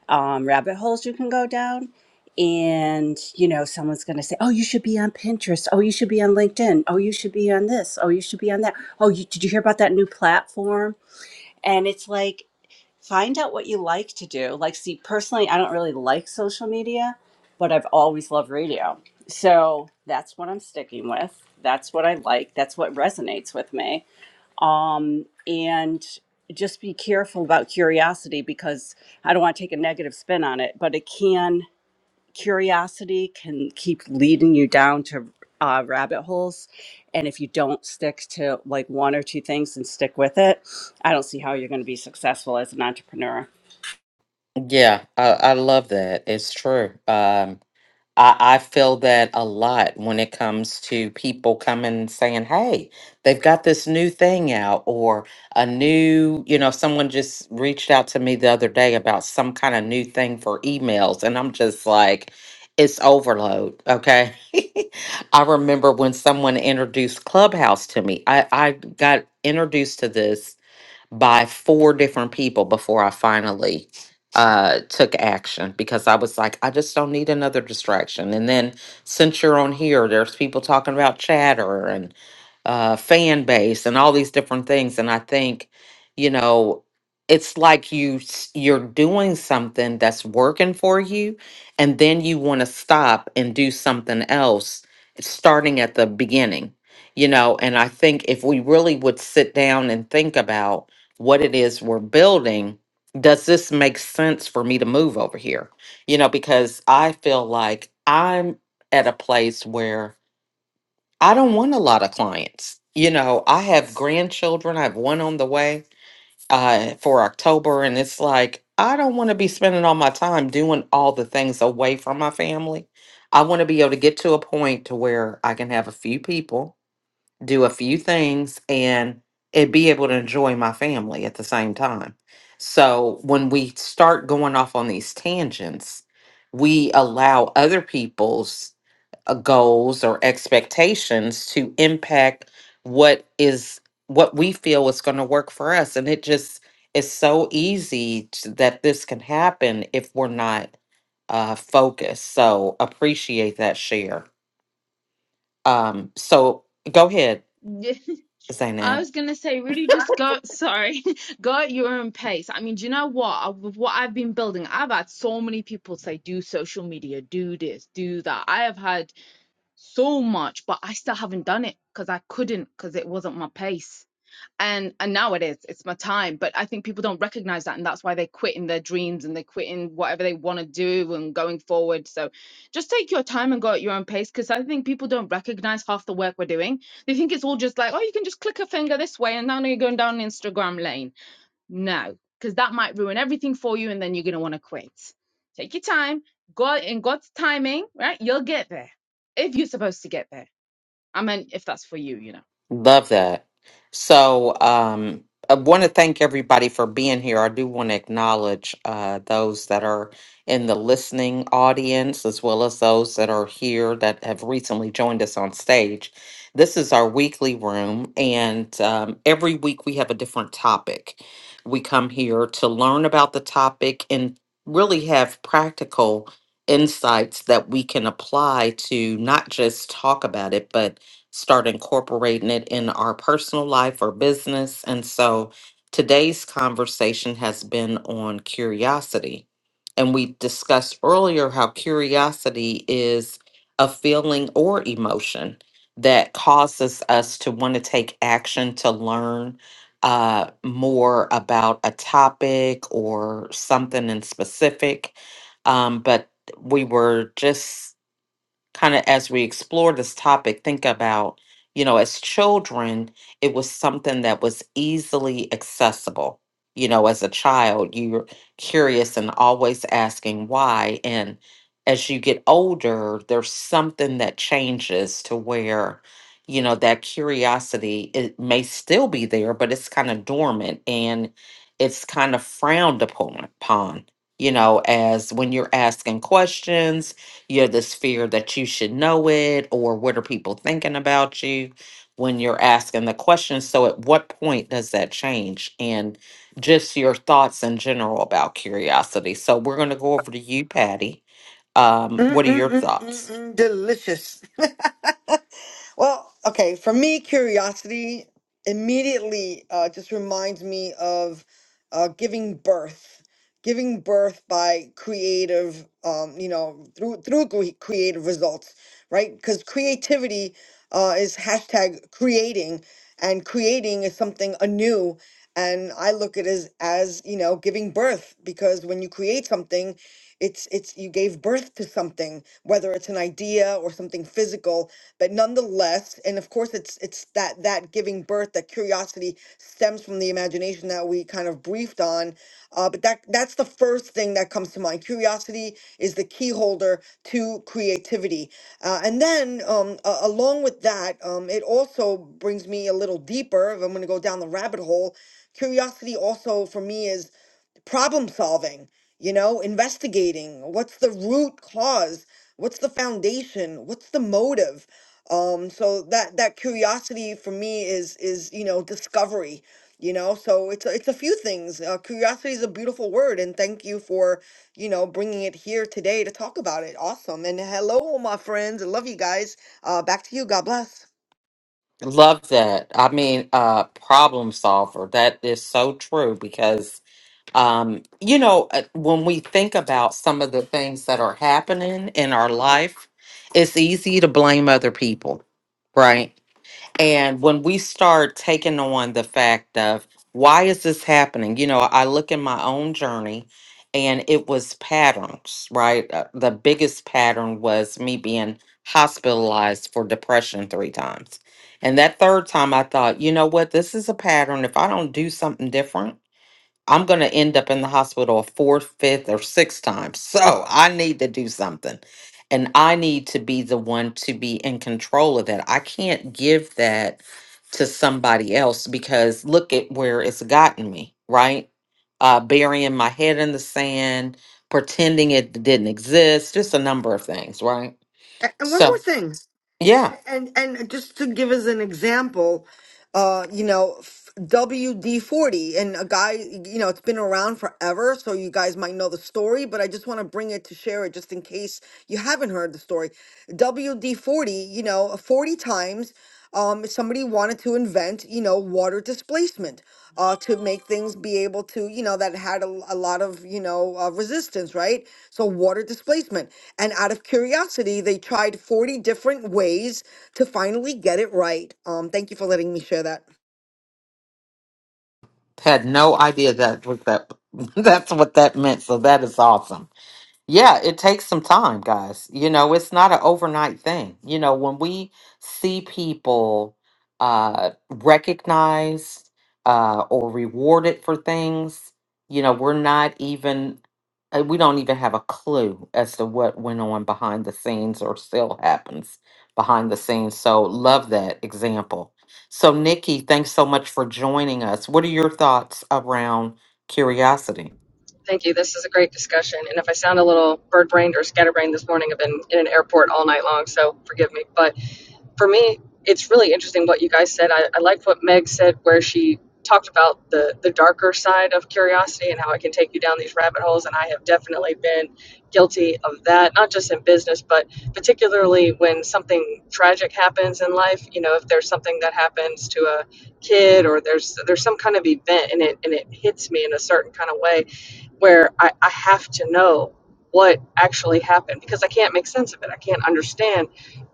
[SPEAKER 6] um, rabbit holes you can go down. And, you know, someone's going to say, oh, you should be on Pinterest. Oh, you should be on LinkedIn. Oh, you should be on this. Oh, you should be on that. Oh, you, did you hear about that new platform? And it's like, find out what you like to do. Like, see, personally, I don't really like social media, but I've always loved radio. So that's what I'm sticking with. That's what I like. That's what resonates with me um, and just be careful about curiosity because I don't want to take a negative spin on it, but it can curiosity can keep leading you down to uh, rabbit holes, and if you don't stick to like one or two things and stick with it, I don't see how you're going to be successful as an entrepreneur.
[SPEAKER 1] Yeah, I, I love that. It's true. Um, I, I feel that a lot when it comes to people coming saying, Hey, they've got this new thing out, or a new, you know, someone just reached out to me the other day about some kind of new thing for emails. And I'm just like, it's overload. Okay. I remember when someone introduced Clubhouse to me, I, I got introduced to this by four different people before I finally uh took action because I was like I just don't need another distraction and then since you're on here there's people talking about chatter and uh, fan base and all these different things. And I think, you know, it's like you s- you're doing something that's working for you, and then you want to stop and do something else, starting at the beginning. You know, and I think if we really would sit down and think about what it is we're building, does this make sense for me to move over here? You know, because I feel like I'm at a place where I don't want a lot of clients. You know, I have grandchildren. I have one on the way uh, for October, and it's like I don't want to be spending all my time doing all the things away from my family. I want to be able to get to a point to where I can have a few people do a few things and and be able to enjoy my family at the same time. So when we start going off on these tangents, we allow other people's uh, goals or expectations to impact what is what we feel is going to work for us and it just is so easy to, that this can happen if we're not uh focused so appreciate that share um so go ahead zainab
[SPEAKER 8] I was gonna say, really just go, sorry, go at your own pace. I mean, do you know what? I- With what I've been building, I've had so many people say, do social media, do this, do that. I have had so much, but I still haven't done it because I couldn't because it wasn't my pace. and and now it is it's my time but i think people don't recognize that and that's why they quit in their dreams and they quit in whatever they want to do and going forward so just take your time and go at your own pace because i think people don't recognize half the work we're doing they think it's all just like oh you can just click a finger this way and now you're going down instagram lane no because that might ruin everything for you and then you're going to want to quit take your time god in god's timing right you'll get there if you're supposed to get there i mean if that's for you you know
[SPEAKER 1] Love that. So, um, I want to thank everybody for being here. I do want to acknowledge uh, those that are in the listening audience, as well as those that are here that have recently joined us on stage. This is our weekly room, and um, every week we have a different topic. We come here to learn about the topic and really have practical insights that we can apply to not just talk about it, but start incorporating it in our personal life or business. And so today's conversation has been on curiosity. And we discussed earlier how curiosity is a feeling or emotion that causes us to want to take action to learn uh, more about a topic or something in specific. Um, but we were just kind of as we explore this topic, think about, you know, as children, it was something that was easily accessible. You know, as a child, you're curious and always asking why. And as you get older, there's something that changes to where, you know, that curiosity, it may still be there, but it's kind of dormant and it's kind of frowned upon, upon, you know, as when you're asking questions you're this fear that you should know it or what are people thinking about you when you're asking the question so at what point does that change and just your thoughts in general about curiosity so we're going to go over to you patty um, what are your thoughts
[SPEAKER 7] Mm-mm-mm-mm-mm, delicious. well, okay. For me, curiosity immediately uh, just reminds me of uh, giving birth. giving birth by creative um you know through through cre- creative results right because creativity uh is hashtag creating and creating is something anew and i look at it as as you know giving birth because when you create something it's it's you gave birth to something whether it's an idea or something physical but nonetheless and of course it's it's that that giving birth that curiosity stems from the imagination that we kind of briefed on uh, but that that's the first thing that comes to mind. Curiosity is the key holder to creativity. Uh, and then um, a- along with that, um, it also brings me a little deeper. If I'm going to go down the rabbit hole, curiosity also for me is problem solving, you know, investigating what's the root cause, what's the foundation, what's the motive. Um, so that that curiosity for me is is you know discovery, you know. So it's a, it's a few things. Uh, curiosity is a beautiful word, and thank you for you know bringing it here today to talk about it. Awesome, and hello, my friends. I love you guys. Uh, back to you. God bless.
[SPEAKER 1] love that i mean uh problem solver that is so true because Um, you know, uh, when we think about some of the things that are happening in our life, it's easy to blame other people, right? And when we start taking on the fact of why is this happening? You know, I look in my own journey and it was patterns, right? Uh, The biggest pattern was me being hospitalized for depression three times. And that third time I thought, you know what, this is a pattern. If I don't do something different, I'm going to end up in the hospital a fourth, fifth, or sixth time. So I need to do something. And I need to be the one to be in control of that. I can't give that to somebody else because look at where it's gotten me, right? Uh, burying my head in the sand, pretending it didn't exist, just a number of things, right?
[SPEAKER 7] A- And one more
[SPEAKER 1] So,
[SPEAKER 7] thing.
[SPEAKER 1] yeah,
[SPEAKER 7] And and just to give as an example, uh, you know, WD forty and a guy, you know, it's been around forever, so you guys might know the story, but I just want to bring it to share it just in case you haven't heard the story. WD forty, you know, forty times, um, somebody wanted to invent you know water displacement uh to make things be able to you know that had a, l- a lot of you know uh, resistance right so water displacement and out of curiosity they tried 40 different ways to finally get it right um thank you for letting me share that
[SPEAKER 1] had no idea that was that. That's what that meant. So that is awesome. Yeah, it takes some time, guys. You know, it's not an overnight thing. You know, when we see people uh, recognized uh, or rewarded for things, you know, we're not even, uh, we don't even have a clue as to what went on behind the scenes or still happens behind the scenes. So, love that example. So, Nikki, thanks so much for joining us. What are your thoughts around curiosity?
[SPEAKER 9] Thank you. This is a great discussion. And if I sound a little bird brained or scatterbrained this morning, I've been in an airport all night long, so forgive me. But for me, it's really interesting what you guys said. I, I like what Meg said, where she talked about the, the darker side of curiosity and how it can take you down these rabbit holes. And I have definitely been guilty of that, not just in business, but particularly when something tragic happens in life. You know, if there's something that happens to a kid or there's there's some kind of event and it and it hits me in a certain kind of way where I, I have to know what actually happened because I can't make sense of it. I can't understand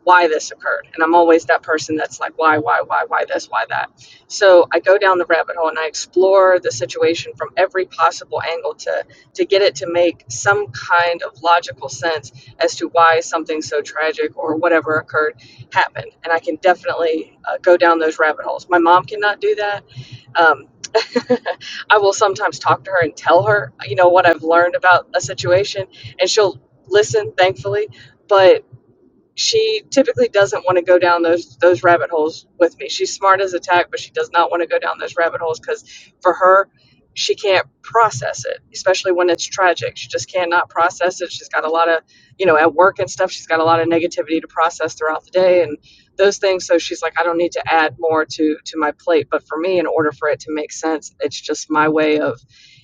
[SPEAKER 9] why this occurred. And I'm always that person that's like, why, why, why, why this, why that. So I go down the rabbit hole and I explore the situation from every possible angle to, to get it to make some kind of logical sense as to why something so tragic or whatever occurred happened. And I can definitely uh, go down those rabbit holes. My mom cannot do that. Um, I will sometimes talk to her and tell her, you know, what I've learned about a situation, and she'll listen, thankfully. But she typically doesn't want to go down those those rabbit holes with me. She's smart as a tack, but she does not want to go down those rabbit holes because for her, she can't process it, especially when it's tragic. She just cannot process it. She's got a lot of, you know, at work and stuff. She's got a lot of negativity to process throughout the day and those things. So she's like, I don't need to add more to to my plate. But for me, in order for it to make sense, it's just my way of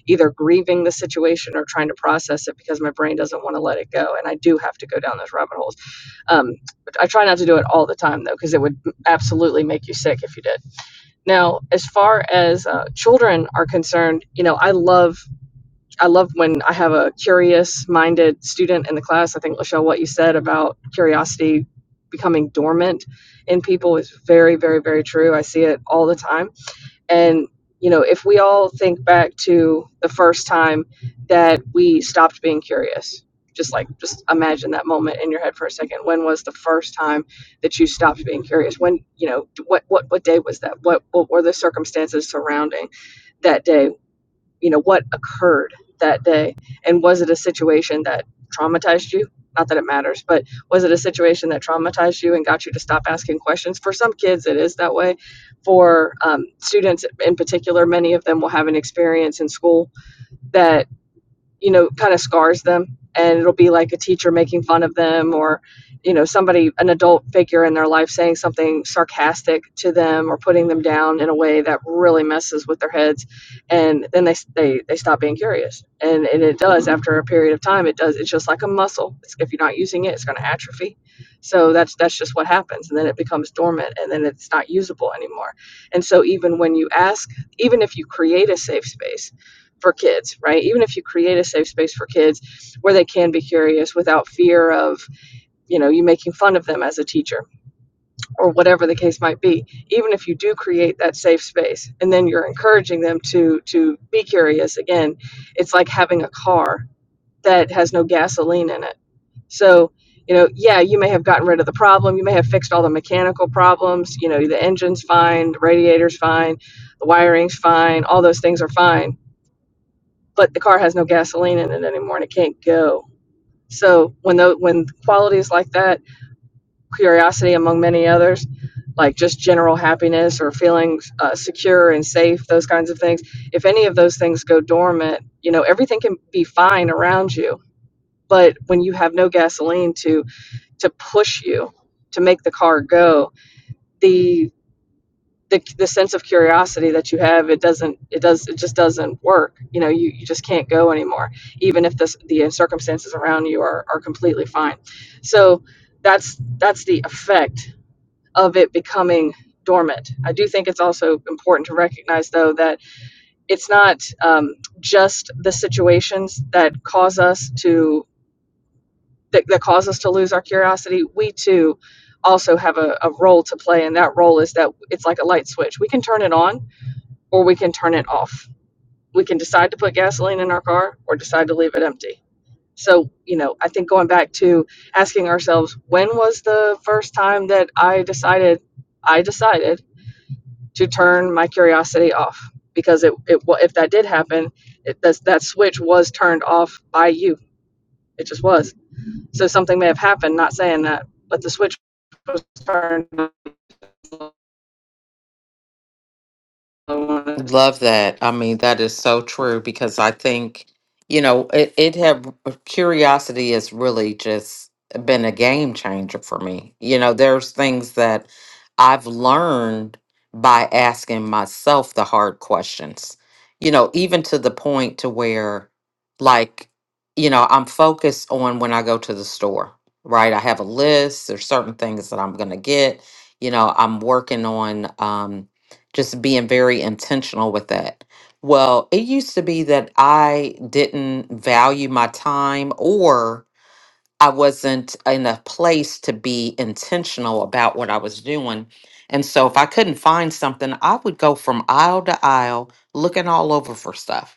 [SPEAKER 9] either grieving the situation or trying to process it because my brain doesn't want to let it go and i do have to go down those rabbit holes um, I try not to do it all the time though, because it would absolutely make you sick if you did. Now, as far as uh, children are concerned, you know, I love I love when I have a curious-minded student in the class. I think Lachelle, what you said about curiosity becoming dormant in people is very, very, very true. I see it all the time and, you know, if we all think back to the first time that we stopped being curious, just like, just imagine that moment in your head for a second. When was the first time that you stopped being curious? When, you know, what, what, what day was that? What, what were the circumstances surrounding that day? you know what occurred that day and was it a situation that traumatized you not that it matters but was it a situation that traumatized you and got you to stop asking questions for some kids it is that way for um, students in particular many of them will have an experience in school that you know, kind of scars them. And it'll be like a teacher making fun of them or, you know, somebody, an adult figure in their life saying something sarcastic to them or putting them down in a way that really messes with their heads. And then they, they, they stop being curious. And, and it does after a period of time, it does. It's just like a muscle. It's, if you're not using it, it's going to atrophy. So that's, that's just what happens. And then it becomes dormant and then it's not usable anymore. And so even when you ask, even if you create a safe space, for kids, right? Even if you create a safe space for kids where they can be curious without fear of, you know, you making fun of them as a teacher or whatever the case might be. Even if you do create that safe space and then you're encouraging them to to be curious again, it's like having a car that has no gasoline in it. So, you know, yeah, you may have gotten rid of the problem, you may have fixed all the mechanical problems, you know, the engine's fine, the radiator's fine, the wiring's fine, all those things are fine but the car has no gasoline in it anymore and it can't go. So when the when qualities like that, curiosity among many others, like just general happiness or feeling uh, secure and safe, those kinds of things, if any of those things go dormant, you know everything can be fine around you. But when you have no gasoline to to push you to make the car go, the the, the sense of curiosity that you have it doesn't it does it just doesn't work you know you, you just can't go anymore even if this the circumstances around you are, are completely fine so that's that's the effect of it becoming dormant i do think it's also important to recognize though that it's not um, just the situations that cause us to that, that cause us to lose our curiosity we too also have a, a role to play and that role is that it's like a light switch we can turn it on or we can turn it off. We can decide to put gasoline in our car or decide to leave it empty. So, you know, I think going back to asking ourselves, when was the first time that I decided, I decided to turn my curiosity off? Because it, it wa- if that did happen, it, that, that switch was turned off by you. It just was. So something may have happened, not saying that, but the switch was turned on
[SPEAKER 1] Love that. I mean, that is so true because I think, you know, it, it had curiosity has really just been a game changer for me. You know, there's things that I've learned by asking myself the hard questions, you know, even to the point to where, like, you know, I'm focused on when I go to the store, right? I have a list, there's certain things that I'm going to get. You know, I'm working on, um, just being very intentional with that. Well, it used to be that I didn't value my time or I wasn't in a place to be intentional about what I was doing. And so if I couldn't find something, I would go from aisle to aisle looking all over for stuff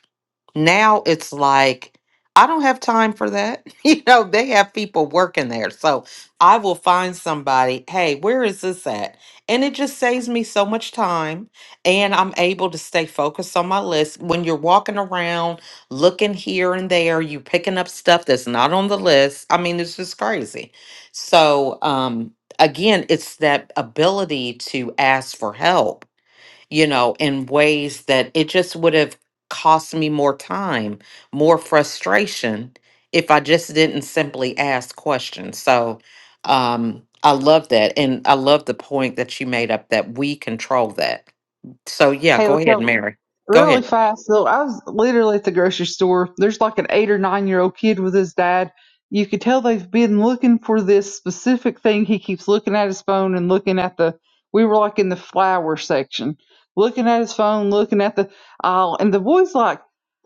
[SPEAKER 1] now it's like I don't have time for that. You know, they have people working there. So I will find somebody, hey, where is this at? And it just saves me so much time. And I'm able to stay focused on my list. When you're walking around, looking here and there, you picking up stuff that's not on the list. I mean, it's just crazy. So um, again, it's that ability to ask for help you know, in ways that it just would have cost me more time, more frustration if I just didn't simply ask questions. So um, I love that. And I love the point that you made up that we control that. So, yeah,
[SPEAKER 3] Hey,
[SPEAKER 1] go ahead,
[SPEAKER 3] Lachelle,
[SPEAKER 1] Mary. Go
[SPEAKER 3] really
[SPEAKER 1] ahead.
[SPEAKER 3] fast though. I was literally at the grocery store. There's like an eight or nine year old kid with his dad. You could tell they've been looking for this specific thing. He keeps looking at his phone and looking at the. We were like in the flower section, looking at his phone, looking at the aisle, and the boy's like,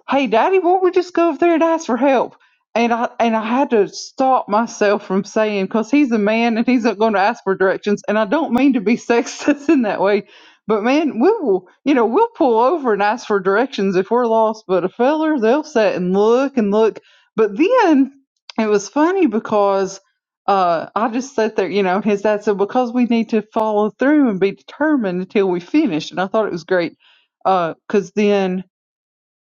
[SPEAKER 3] "Hey, Daddy, won't we just go over there and ask for help?" And I and I had to stop myself from saying because he's a man and he's not going to ask for directions. And I don't mean to be sexist in that way but man, we will, you know, we'll pull over and ask for directions if we're lost. But a feller, they'll sit and look and look. But then it was funny because uh, I just sat there, you know, and his dad said, because we need to follow through and be determined until we finish. And I thought it was great because then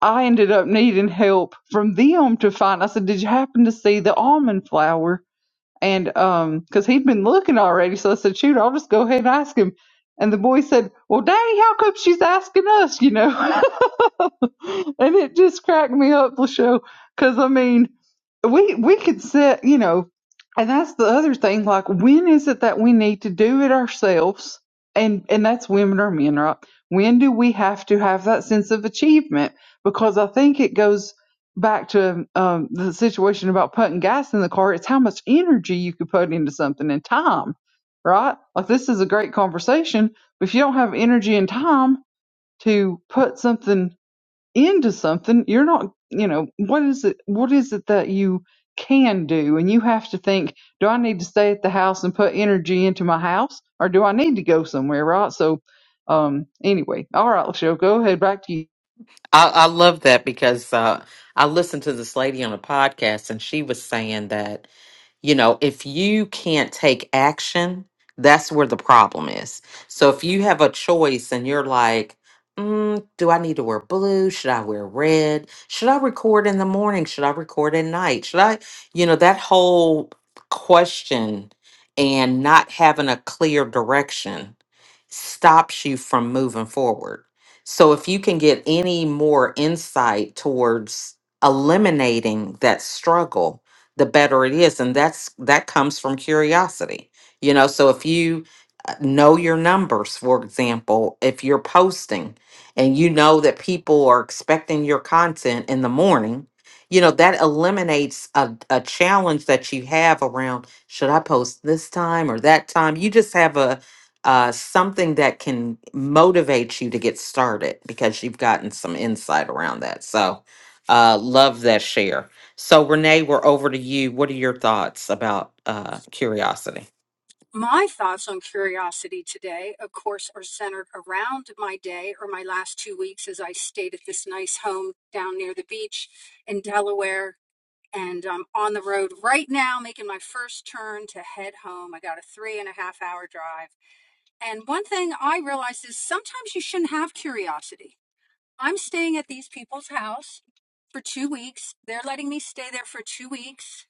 [SPEAKER 3] I ended up needing help from them to find. I said, Did you happen to see the almond flower? And um, because he'd been looking already, so I said, "Shoot, I'll just go ahead and ask him." And the boy said, "Well, Daddy, how come she's asking us?" You know, and it just cracked me up, Lachelle, because I mean, we we could set, you know, and that's the other thing. Like, when is it that we need to do it ourselves? And and that's women or men, right? When do we have to have that sense of achievement? Because I think it goes back to um, the situation about putting gas in the car, it's how much energy you could put into something and time, right? Like this is a great conversation, but if you don't have energy and time to put something into something, you're not, you know, what is it? What is it that you can do? And you have to think, do I need to stay at the house and put energy into my house, or do I need to go somewhere, right? So, um, anyway, all right, Lachelle, go ahead, back to you.
[SPEAKER 1] I, I love that because uh, I listened to this lady on a podcast and she was saying that. You know, if you can't take action, that's where the problem is. So if you have a choice and you're like, mm, do I need to wear blue? Should I wear red? Should I record in the morning? Should I record at night? Should I, you know, that whole question and not having a clear direction stops you from moving forward. So if you can get any more insight towards eliminating that struggle, the better it is and that's that comes from curiosity you know so if you uh, know your numbers for example if you're posting and you know that people are expecting your content in the morning you know that eliminates a, a challenge that you have around should i post this time or that time you just have a uh, something that can motivate you to get started because you've gotten some insight around that so uh, love that share so Renee, we're over to you. What are your thoughts about uh, curiosity?
[SPEAKER 5] My thoughts on curiosity today, of course, are centered around my day or my last two weeks as I stayed at this nice home down near the beach in Delaware and I'm on the road right now making my first turn to head home. I got a three and a half hour drive. And one thing I realized is sometimes you shouldn't have curiosity. I'm staying at these people's house for two weeks. They're letting me stay there for two weeks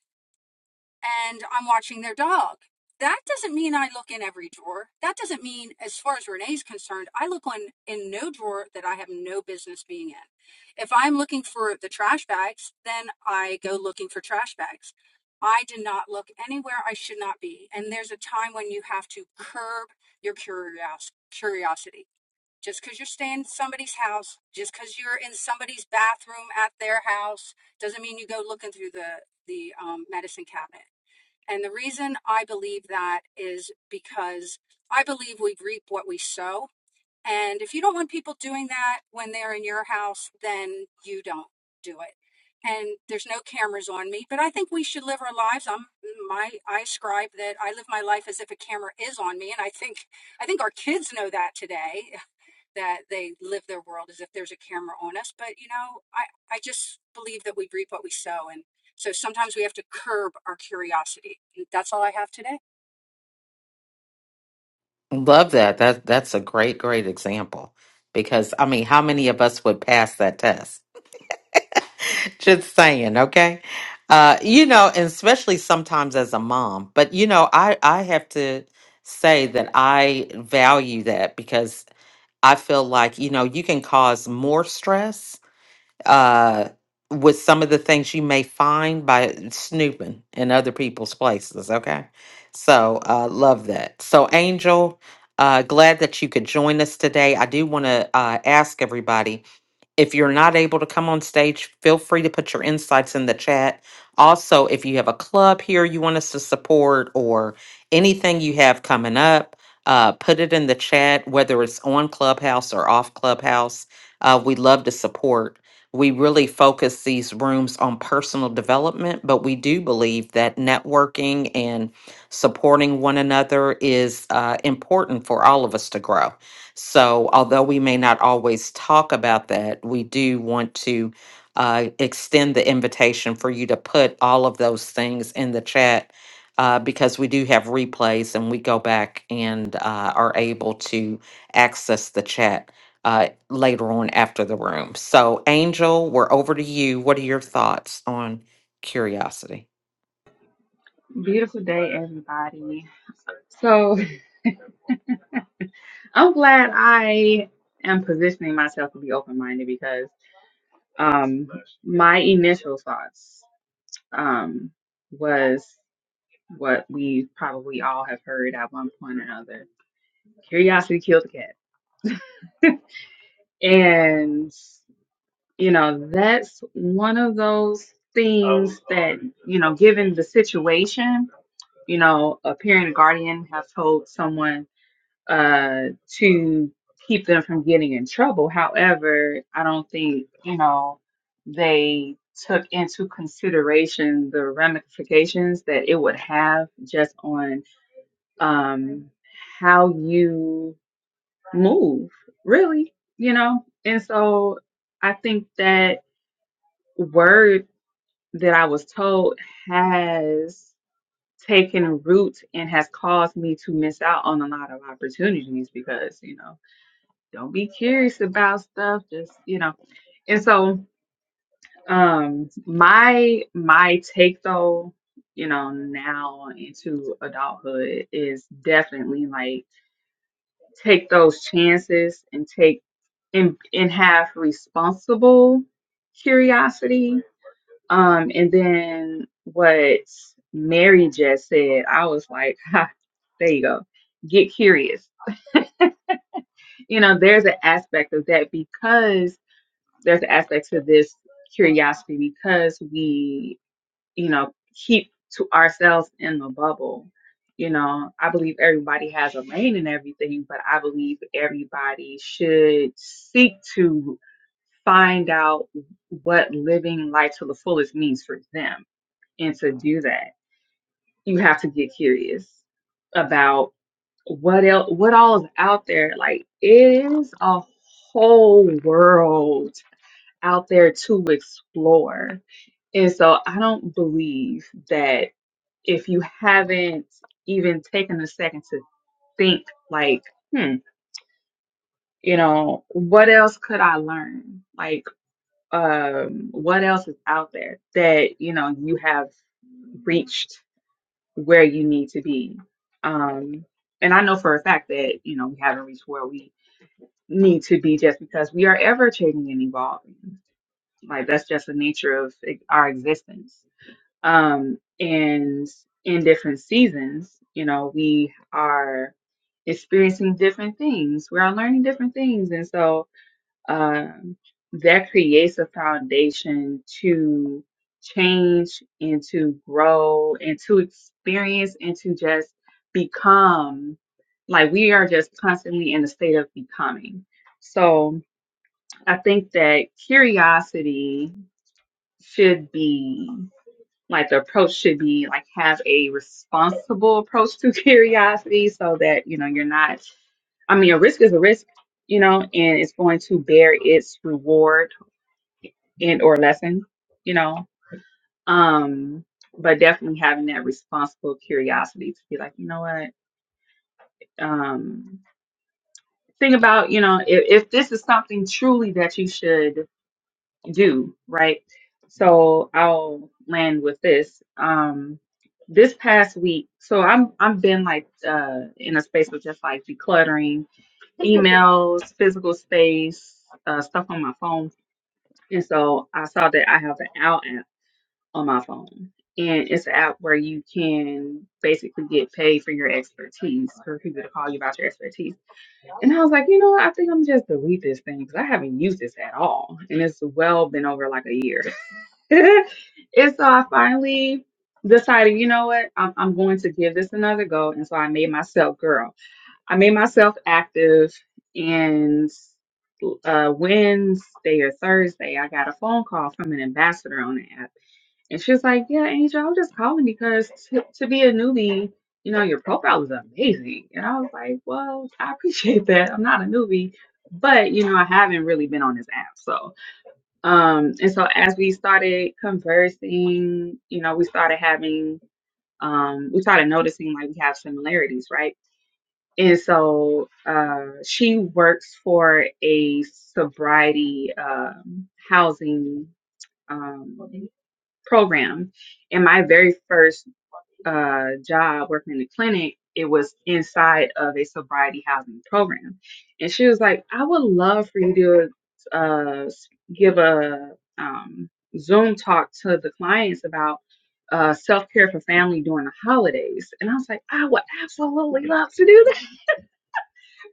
[SPEAKER 5] and I'm watching their dog. That doesn't mean I look in every drawer. That doesn't mean, as far as Renee's concerned, I look on in no drawer that I have no business being in. If I'm looking for the trash bags, then I go looking for trash bags. I do not look anywhere I should not be. And there's a time when you have to curb your curios- curiosity. Just because you're staying in somebody's house, just because you're in somebody's bathroom at their house, doesn't mean you go looking through the the um, medicine cabinet and the reason I believe that is because I believe we reap what we sow. And if you don't want people doing that when they're in your house, then you don't do it. And there's no cameras on me, but I think we should live our lives. I'm my I scribe that I live my life as if a camera is on me, and I think I think our kids know that today that they live their world as if there's a camera on us. But you know, I I just believe that we reap what we sow, and so sometimes we have to curb our curiosity. That's all I have today.
[SPEAKER 1] Love that. That that's a great, great example. Because I mean, how many of us would pass that test? Just saying, okay? Uh, you know, and especially sometimes as a mom. But you know, I I have to say that I value that because I feel like, you know, you can cause more stress uh, with some of the things you may find by snooping in other people's places. Okay. So, uh, love that. So, Angel, uh, glad that you could join us today. I do want to uh, ask everybody if you're not able to come on stage, feel free to put your insights in the chat. Also, if you have a club here you want us to support or anything you have coming up, uh, put it in the chat, whether it's on Clubhouse or off Clubhouse. Uh, we love to support. We really focus these rooms on personal development, but we do believe that networking and supporting one another is uh, important for all of us to grow. So, although we may not always talk about that, we do want to uh, extend the invitation for you to put all of those things in the chat uh, because we do have replays and we go back and uh, are able to access the chat uh, later on after the room. So, Angel, we're over to you. What are your thoughts on curiosity?
[SPEAKER 10] Beautiful day, everybody. So I'm glad I am positioning myself to be open minded because um, my initial thoughts um, was what we probably all have heard at one point or another curiosity killed the cat. And, you know, that's one of those things that, you know, given the situation, you know, a parent or guardian have told someone uh, to keep them from getting in trouble. However, I don't think, you know, they took into consideration the ramifications that it would have just on um, how you move, really, you know? And so I think that word that I was told has taken root and has caused me to miss out on a lot of opportunities because, you know, don't be curious about stuff just you know and so um my my take though you know now into adulthood is definitely like take those chances and take and and have responsible curiosity um and then what mary just said i was like ha, there you go get curious you know there's an aspect of that because there's an aspect to this curiosity because we, you know, keep to ourselves in the bubble. You know, I believe everybody has a lane in everything, but I believe everybody should seek to find out what living life to the fullest means for them. And to do that, you have to get curious about what else, what all is out there. Like, it is a whole world out there to explore. And so I don't believe that if you haven't even taken a second to think, like, hmm, you know, what else could I learn? Like, um, what else is out there that, you know, you have reached where you need to be? Um, and I know for a fact that, you know, we haven't reached where we need to be just because we are ever changing and evolving. Like, that's just the nature of like, our existence um, and in different seasons, you know, we are experiencing different things. We are learning different things, and so um, that creates a foundation to change and to grow and to experience and to just become. Like we are just constantly in the state of becoming. So I think that curiosity should be like the approach should be like have a responsible approach to curiosity so that you know you're not i mean a risk is a risk you know and it's going to bear its reward and or lesson you know um but definitely having that responsible curiosity to be like you know what um think about you know if, if this is something truly that you should do, right? So I'll land with this. Um, this past week, so I'm I've been like uh in a space of just like decluttering emails, physical space, uh, stuff on my phone, and so I saw that I have an out app on my phone, and it's an app where you can basically get paid for your expertise for people to call you about your expertise. And I was like, you know, what? I think I'm just delete this thing because I haven't used this at all, and it's well been over like a year. and so I finally decided, you know what, I'm, I'm going to give this another go. And so I made myself, girl, I made myself active. And uh, Wednesday or Thursday, I got a phone call from an ambassador on the app. And she was like, yeah, Angel, I'm just calling because to, to be a newbie, you know, your profile is amazing. And I was like, well, I appreciate that. I'm not a newbie, but, you know, I haven't really been on this app. So, um, and so as we started conversing, you know, we started having, um, we started noticing like we have similarities, right? And so uh, she works for a sobriety um housing um, program. And my very first uh, job working in the clinic, it was inside of a sobriety housing program. And she was like, I would love for you to uh, give a um, Zoom talk to the clients about uh, self care for family during the holidays. And I was like, I would absolutely love to do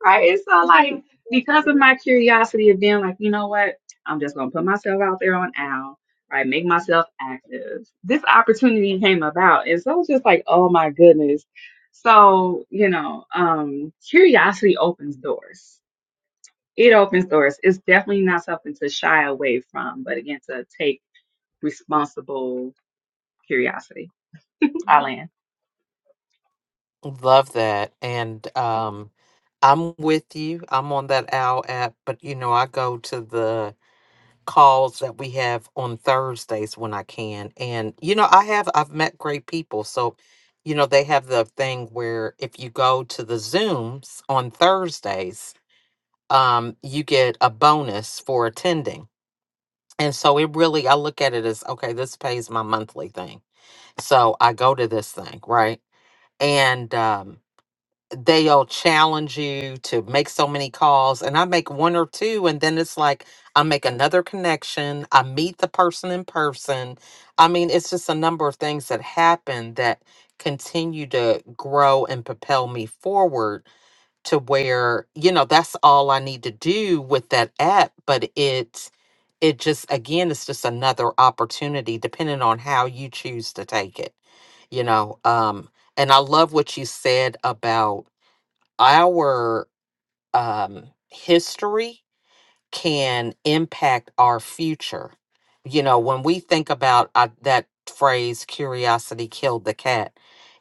[SPEAKER 10] Right. And so like because of my curiosity of being like, you know what, I'm just gonna put myself out there on Al, right? Make myself active. This opportunity came about. And so it was just like, oh my goodness. So, you know, um, curiosity opens doors. It opens doors. It's definitely not something to shy away from, but again to take responsible curiosity. I
[SPEAKER 1] Love that. And um I'm with you. I'm on that OWL app, but you know, I go to the calls that we have on Thursdays when I can. And you know, I have I've met great people. So, you know, they have the thing where if you go to the Zooms on Thursdays, um, you get a bonus for attending. And so it really I look at it as okay, this pays my monthly thing. So I go to this thing, right? And um they'll challenge you to make so many calls and i make one or two and then it's like i make another connection i meet the person in person i mean it's just a number of things that happen that continue to grow and propel me forward to where you know that's all i need to do with that app but it it just again it's just another opportunity depending on how you choose to take it you know um and i love what you said about our um, history can impact our future. You know, when we think about uh, that phrase, curiosity killed the cat,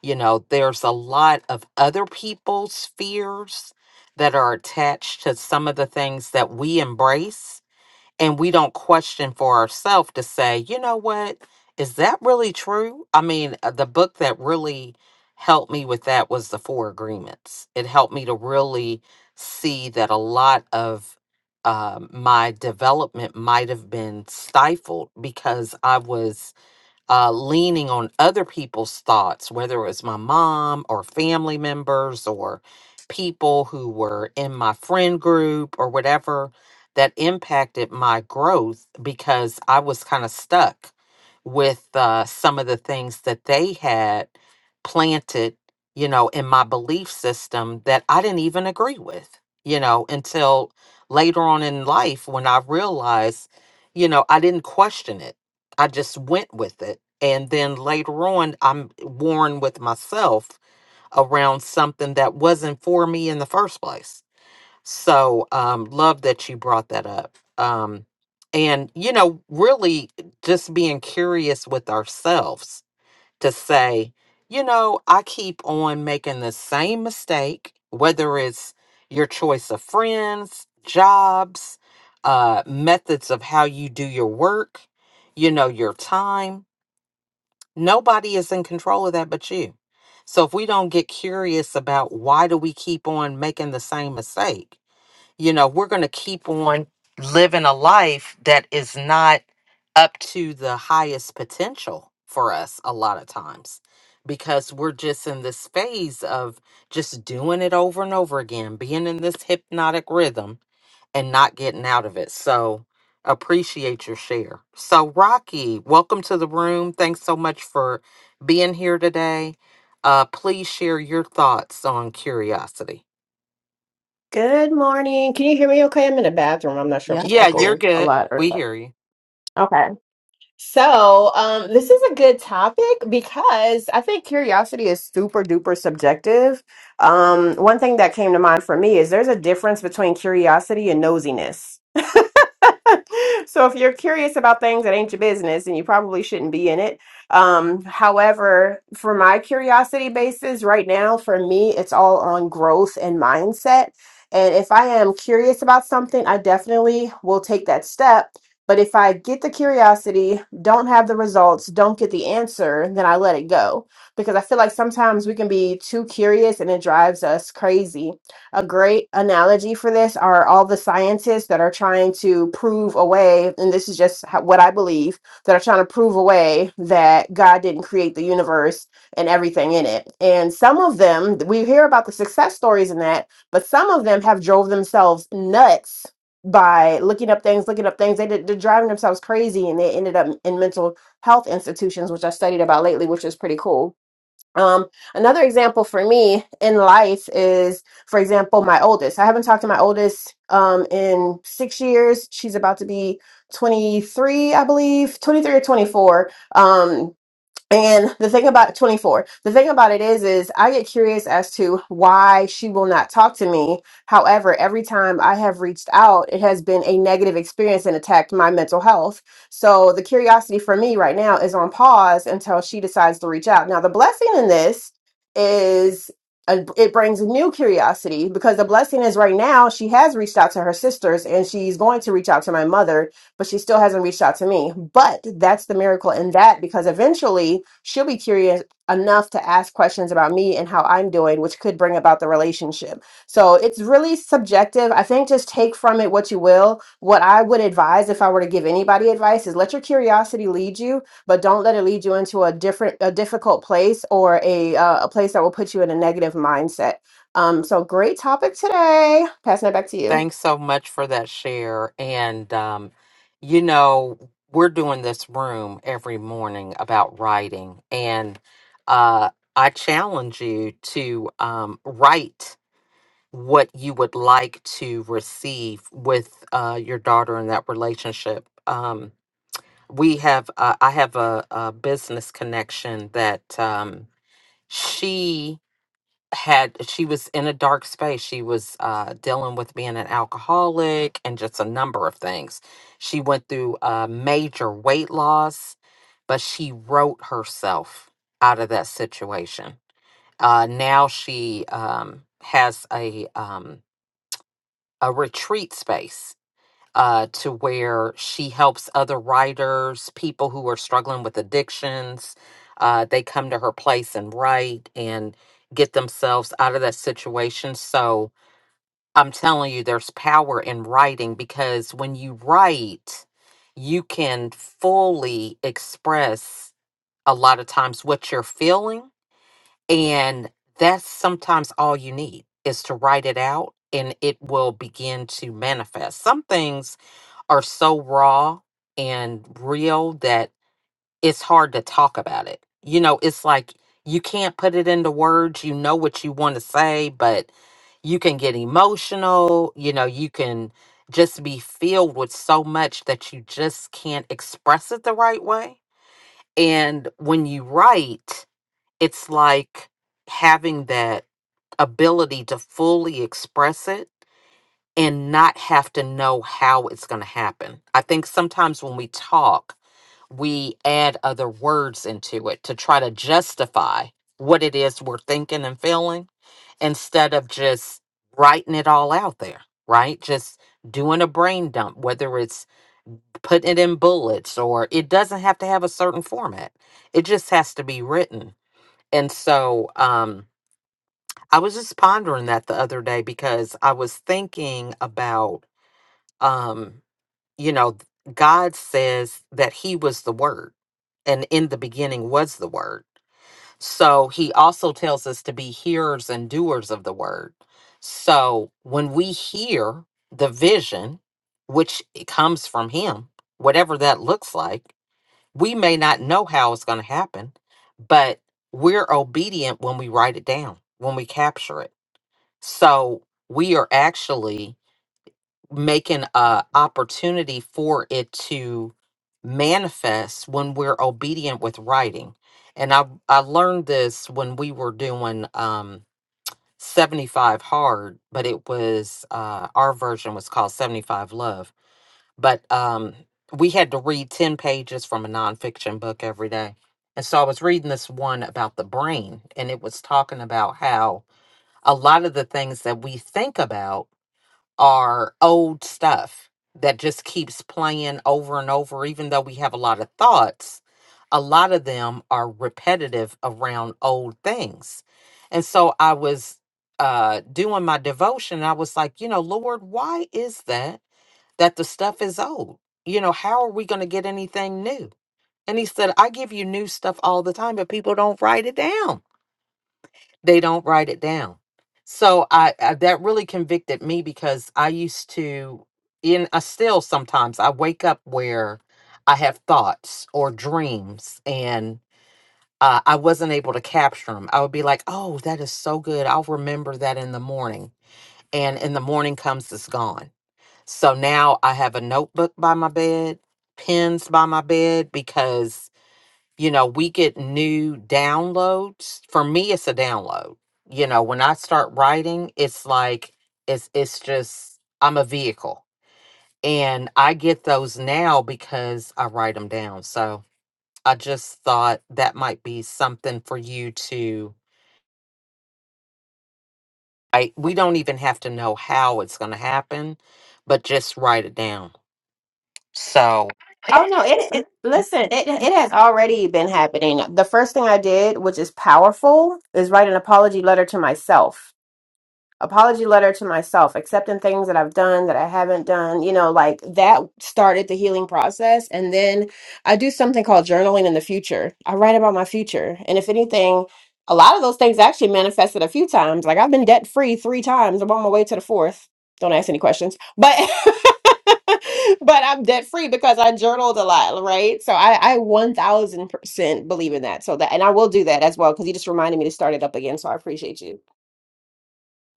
[SPEAKER 1] you know, there's a lot of other people's fears that are attached to some of the things that we embrace and we don't question for ourselves to say, you know what, is that really true? I mean, uh, the book that really helped me with that was The Four Agreements. It helped me to really see that a lot of um my development might have been stifled because I was uh, leaning on other people's thoughts, whether it was my mom or family members or people who were in my friend group or whatever, that impacted my growth because I was kind of stuck with uh, some of the things that they had planted, you know, in my belief system that I didn't even agree with, you know, until later on in life when I realized, you know, I didn't question it I just went with it. And then later on, I'm worn with myself around something that wasn't for me in the first place. So, um, love that you brought that up. Um, and, you know, really just being curious with ourselves to say, you know, I keep on making the same mistake, whether it's your choice of friends, jobs, uh, methods of how you do your work, you know, your time. Nobody is in control of that but you. So if we don't get curious about why do we keep on making the same mistake, you know, we're going to keep on living a life that is not up to the highest potential for us a lot of times because we're just in this phase of just doing it over and over again, being in this hypnotic rhythm and not getting out of it. So, appreciate your share. So, Rocky, welcome to the room. Thanks so much for being here today. Uh, please share your thoughts on curiosity.
[SPEAKER 11] Good morning. Can you hear me okay? I'm in a bathroom. I'm not sure if it's
[SPEAKER 1] Yeah, you're
[SPEAKER 11] echoing a
[SPEAKER 1] good.
[SPEAKER 11] lot or
[SPEAKER 1] We
[SPEAKER 11] not.
[SPEAKER 1] hear you.
[SPEAKER 11] Okay. So, um, this is a good topic because I think curiosity is super duper subjective. Um, one thing that came to mind for me is there's a difference between curiosity and nosiness so if you're curious about things that ain't your business and you probably shouldn't be in it um however for my curiosity basis right now for me it's all on growth and mindset and if i am curious about something i definitely will take that step but if i get the curiosity don't have the results don't get the answer then i let it go because i feel like sometimes we can be too curious and it drives us crazy a great analogy for this are all the scientists that are trying to prove away, and this is just how, what I believe, that are trying to prove away that God didn't create the universe and everything in it. And some of them, we hear about the success stories in that, but some of them have drove themselves nuts by looking up things, looking up things. They did, they're driving themselves crazy, and they ended up in mental health institutions, which I studied about lately, which is pretty cool um, another example for me in life is, for example, my oldest. I haven't talked to my oldest um, in six years. She's about to be 23, I believe, 23 or 24. Um, and the thing about 24, the thing about it is, is I get curious as to why she will not talk to me. However, every time I have reached out, it has been a negative experience and attacked my mental health. So the curiosity for me right now is on pause until she decides to reach out. Now, the blessing in this is uh, it brings new curiosity because the blessing is right now she has reached out to her sisters and she's going to reach out to my mother but she still hasn't reached out to me. But that's the miracle in that because eventually she'll be curious enough to ask questions about me and how I'm doing, which could bring about the relationship. So it's really subjective. I think just take from it what you will. What I would advise if I were to give anybody advice is let your curiosity lead you, but don't let it lead you into a different, a difficult place or a uh, a place that will put you in a negative mindset. Um, so great topic today. Passing it back to you.
[SPEAKER 1] Thanks so much for that share. And, um, you know, we're doing this room every morning about writing. And uh, I challenge you to um, write what you would like to receive with uh, your daughter in that relationship. Um, we have, uh, I have a, a business connection that um, she had she was in a dark space she was uh dealing with being an alcoholic and just a number of things she went through a major weight loss but she wrote herself out of that situation uh now she um has a um a retreat space uh, to where she helps other writers, people who are struggling with addictions. Uh, they come to her place and write and get themselves out of that situation. So I'm telling you, there's power in writing because when you write, you can fully express a lot of times what you're feeling. And that's sometimes all you need is to write it out and it will begin to manifest. Some things are so raw and real that it's hard to talk about it. You know, it's like you can't put it into words. You know what you want to say, but you can get emotional. You know, you can just be filled with so much that you just can't express it the right way. And when you write, it's like having that ability to fully express it and not have to know how it's going to happen. I think sometimes when we talk, we add other words into it to try to justify what it is we're thinking and feeling instead of just writing it all out there, right? Just doing a brain dump, whether it's putting it in bullets or it doesn't have to have a certain format, it just has to be written. And so, um, I was just pondering that the other day because I was thinking about um you know, God says that He was the Word, and in the beginning was the Word. So He also tells us to be hearers and doers of the Word. So when we hear the vision, which it comes from Him, whatever that looks like, we may not know how it's going to happen, but we're obedient when we write it down, when we capture it. So we are actually making a opportunity for it to manifest when we're obedient with writing and i i learned this when we were doing um 75 hard but it was uh our version was called 75 love but um we had to read 10 pages from a nonfiction book every day and so i was reading this one about the brain and it was talking about how a lot of the things that we think about are old stuff that just keeps playing over and over, even though we have a lot of thoughts. A lot of them are repetitive around old things. And so I was uh, doing my devotion. And I was like, you know, Lord, why is that that the stuff is old? You know, how are we going to get anything new? And he said, I give you new stuff all the time, but people don't write it down they don't write it down so I, I that really convicted me because i used to in i still sometimes i wake up where i have thoughts or dreams and uh, i wasn't able to capture them i would be like oh that is so good i'll remember that in the morning and in the morning comes it's gone so now i have a notebook by my bed pens by my bed because you know, we get new downloads. For me, it's a download. You know, when I start writing, it's like it's it's just I'm a vehicle. And I get those now because I write them down. So I just thought that might be something for you to I we don't even have to know how it's gonna happen, but just write it down. So.
[SPEAKER 11] Oh no, it, it listen, it it has already been happening. The first thing I did, which is powerful, is write an apology letter to myself apology letter to myself, accepting things that I've done that I haven't done, you know, like that started the healing process. And then I do something called journaling in the future. I write about my future. And if anything, a lot of those things actually manifested a few times. Like I've been debt free three times. I'm on my way to the fourth. Don't ask any questions. But but I'm debt free because I journaled a lot, right? So I, I 1000% believe in that. So that, and I will do that as well because you just reminded me to start it up again. So I appreciate you.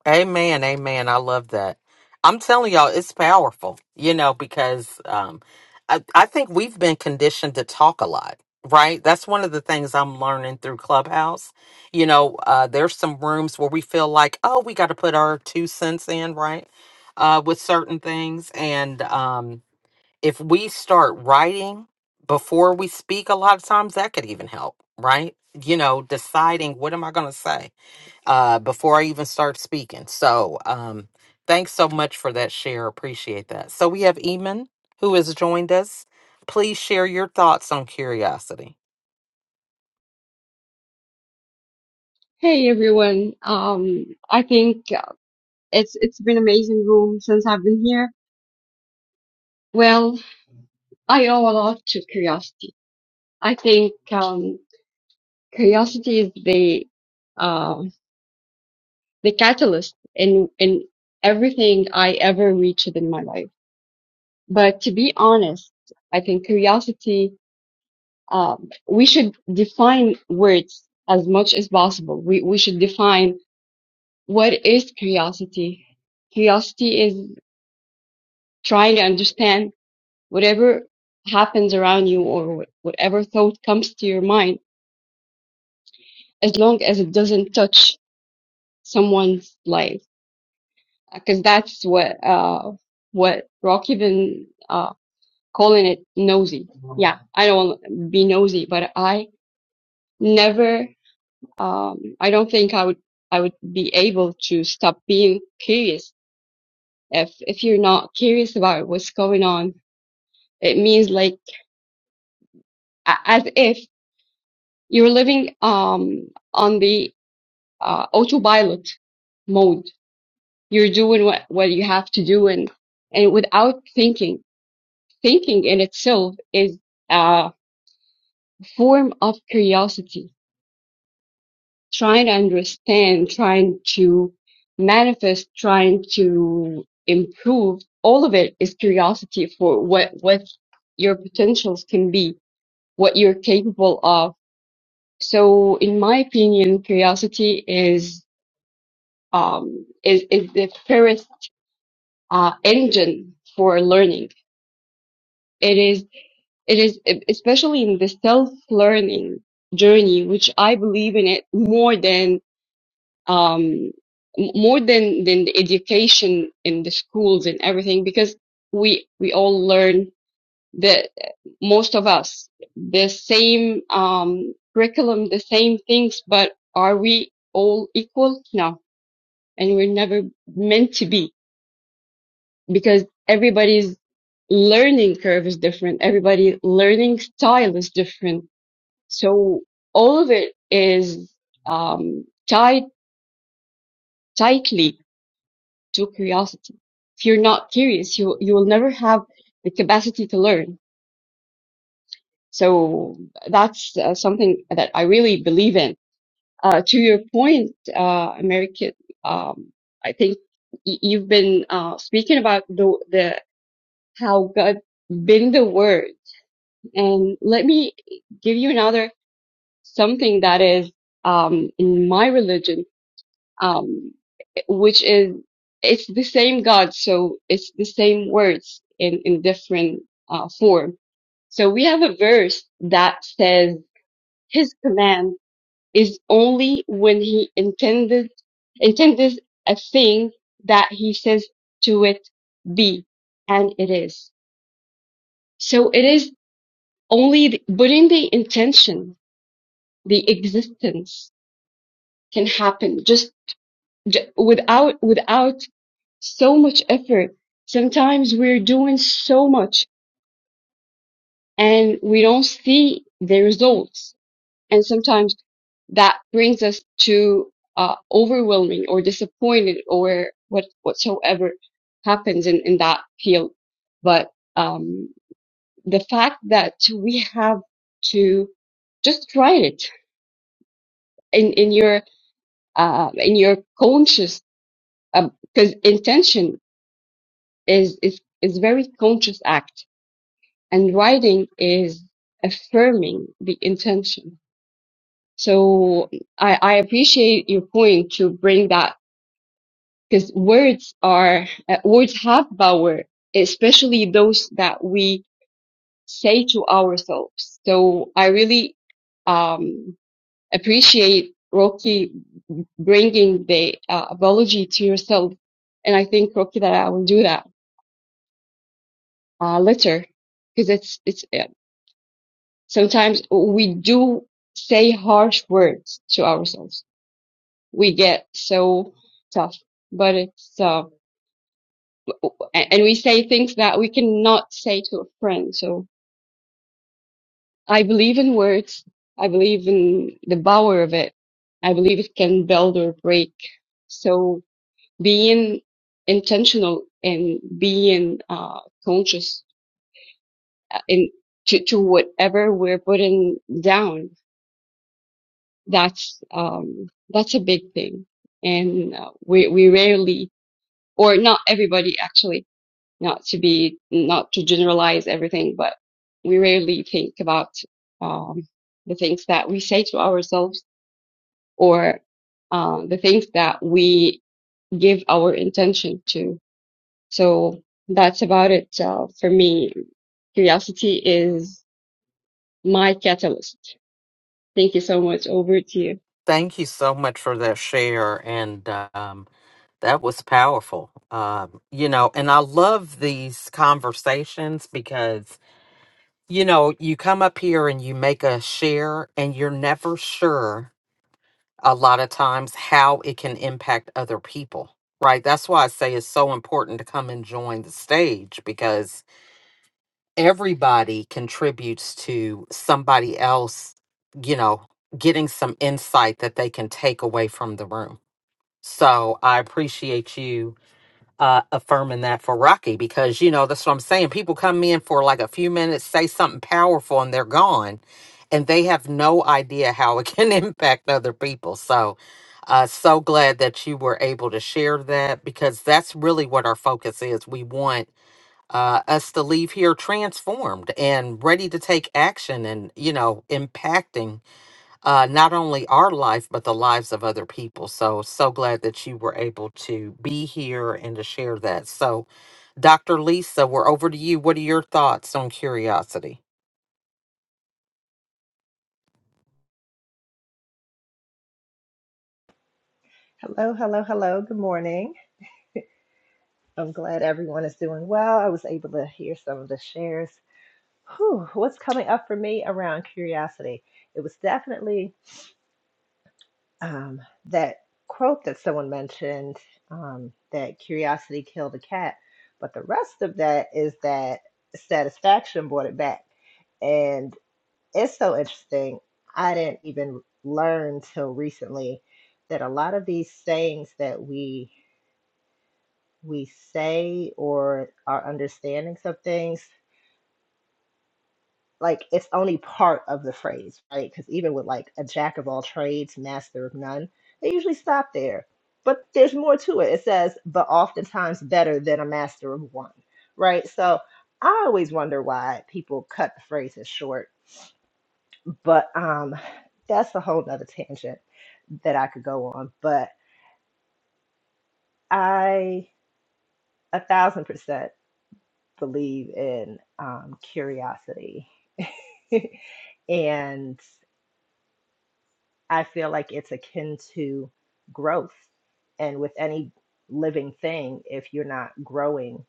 [SPEAKER 1] Amen, amen. I love that. I'm telling y'all, it's powerful, you know, because um, I, I think we've been conditioned to talk a lot, right? That's one of the things I'm learning through Clubhouse. You know, uh, there's some rooms where we feel like, oh, we got to put our two cents in, right? Uh, with certain things. And um, if we start writing before we speak, a lot of times that could even help, right? You know, deciding what am I going to say? uh, before I even start speaking. So um, thanks so much for that share. Appreciate that. So we have Eamon who has joined us. Please share your thoughts on curiosity.
[SPEAKER 12] Hey everyone. Um, I think uh, it's it's been amazing room since I've been here. Well, I owe a lot to curiosity. I think um, curiosity is the uh, the catalyst in in everything I ever reached in my life. But to be honest, I think curiosity. Um, we should define words as much as possible. We we should define what is curiosity. Curiosity is trying to understand whatever happens around you or wh- whatever thought comes to your mind as long as it doesn't touch someone's life because that's what uh what rocky been uh calling it nosy yeah i don't want to be nosy but i never um i don't think i would i would be able to stop being curious if if you're not curious about what's going on it means like a- as if you're living um on the uh, autopilot mode. You're doing what, what you have to do and, and without thinking. Thinking in itself is a form of curiosity, trying to understand, trying to manifest, trying to improve. All of it is curiosity for what, what your potentials can be, what you're capable of. So in my opinion, curiosity is um, is, is the first uh, engine for learning. It is, it is, especially in the self-learning journey, which I believe in it more than, um, m- more than, than the education in the schools and everything, because we, we all learn the, most of us, the same, um, curriculum, the same things, but are we all equal? No. And we're never meant to be because everybody's learning curve is different. Everybody learning style is different. So all of it is um, tied tightly to curiosity. If you're not curious, you you will never have the capacity to learn. So that's uh, something that I really believe in. Uh, to your point, uh, American, um, I think y- you've been uh, speaking about the, the how God been the word And let me give you another something that is um, in my religion, um, which is it's the same God, so it's the same words in in different uh, form. So we have a verse that says His command is only when He intended intended a thing that He says to it be, and it is. So it is only the, putting the intention the existence can happen just j- without without so much effort sometimes we're doing so much and we don't see the results and sometimes that brings us to uh, overwhelming or disappointed or what whatsoever happens in, in that field but um, the fact that we have to just try it in in your uh, in your conscious because intention is is is very conscious act and writing is affirming the intention so i i appreciate your point to bring that because words are uh, words have power especially those that we say to ourselves so i really um appreciate rocky bringing the uh, apology to yourself and i think rocky that i will do that uh, litter because it's it's uh, sometimes we do say harsh words to ourselves. We get so tough, but it's uh, a- and we say things that we cannot say to a friend. So I believe in words. I believe in the power of it. I believe it can build or break. So being intentional and being uh, conscious uh, in to, to whatever we're putting down that's um that's a big thing and uh, we we rarely or not everybody actually not to be not to generalize everything but we rarely think about um the things that we say to ourselves or uh, the things that we give our intention to so that's about it uh, for me curiosity is my catalyst thank you so much over to you
[SPEAKER 1] Thank you so much for that share. And um, that was powerful. Um, you know, and I love these conversations because, you know, you come up here and you make a share and you're never sure a lot of times how it can impact other people, right? That's why I say it's so important to come and join the stage because everybody contributes to somebody else, you know, getting some insight that they can take away from the room. So I appreciate you uh, affirming that for Rocky because you know that's what I'm saying. People come in for like a few minutes, say something powerful, and they're gone, and they have no idea how it can impact other people. So, uh, so glad that you were able to share that because that's really what our focus is. We want uh, us to leave here transformed and ready to take action, and you know, impacting uh, not only our life, but the lives of other people. So, so glad that you were able to be here and to share that. So, Dr. Lisa, we're over to you. What are your thoughts on curiosity?
[SPEAKER 13] Hello, hello, hello. Good morning. I'm glad everyone is doing well. I was able to hear some of the shares. Whew, what's coming up for me around curiosity? It was definitely um, that quote that someone mentioned um, that curiosity killed the cat. But the rest of that is that satisfaction brought it back. And it's so interesting. I didn't even learn till recently that a lot of these sayings that we we say or our understandings of things like it's only part of the phrase right because even with like a jack of all trades master of none they usually stop there but there's more to it it says but oftentimes better than a master of one right so i always wonder why people cut the phrases short but um that's a whole nother tangent that i could go on but i a thousand percent believe in um curiosity and I feel like it's akin to growth. And with any living thing, if you're not growing,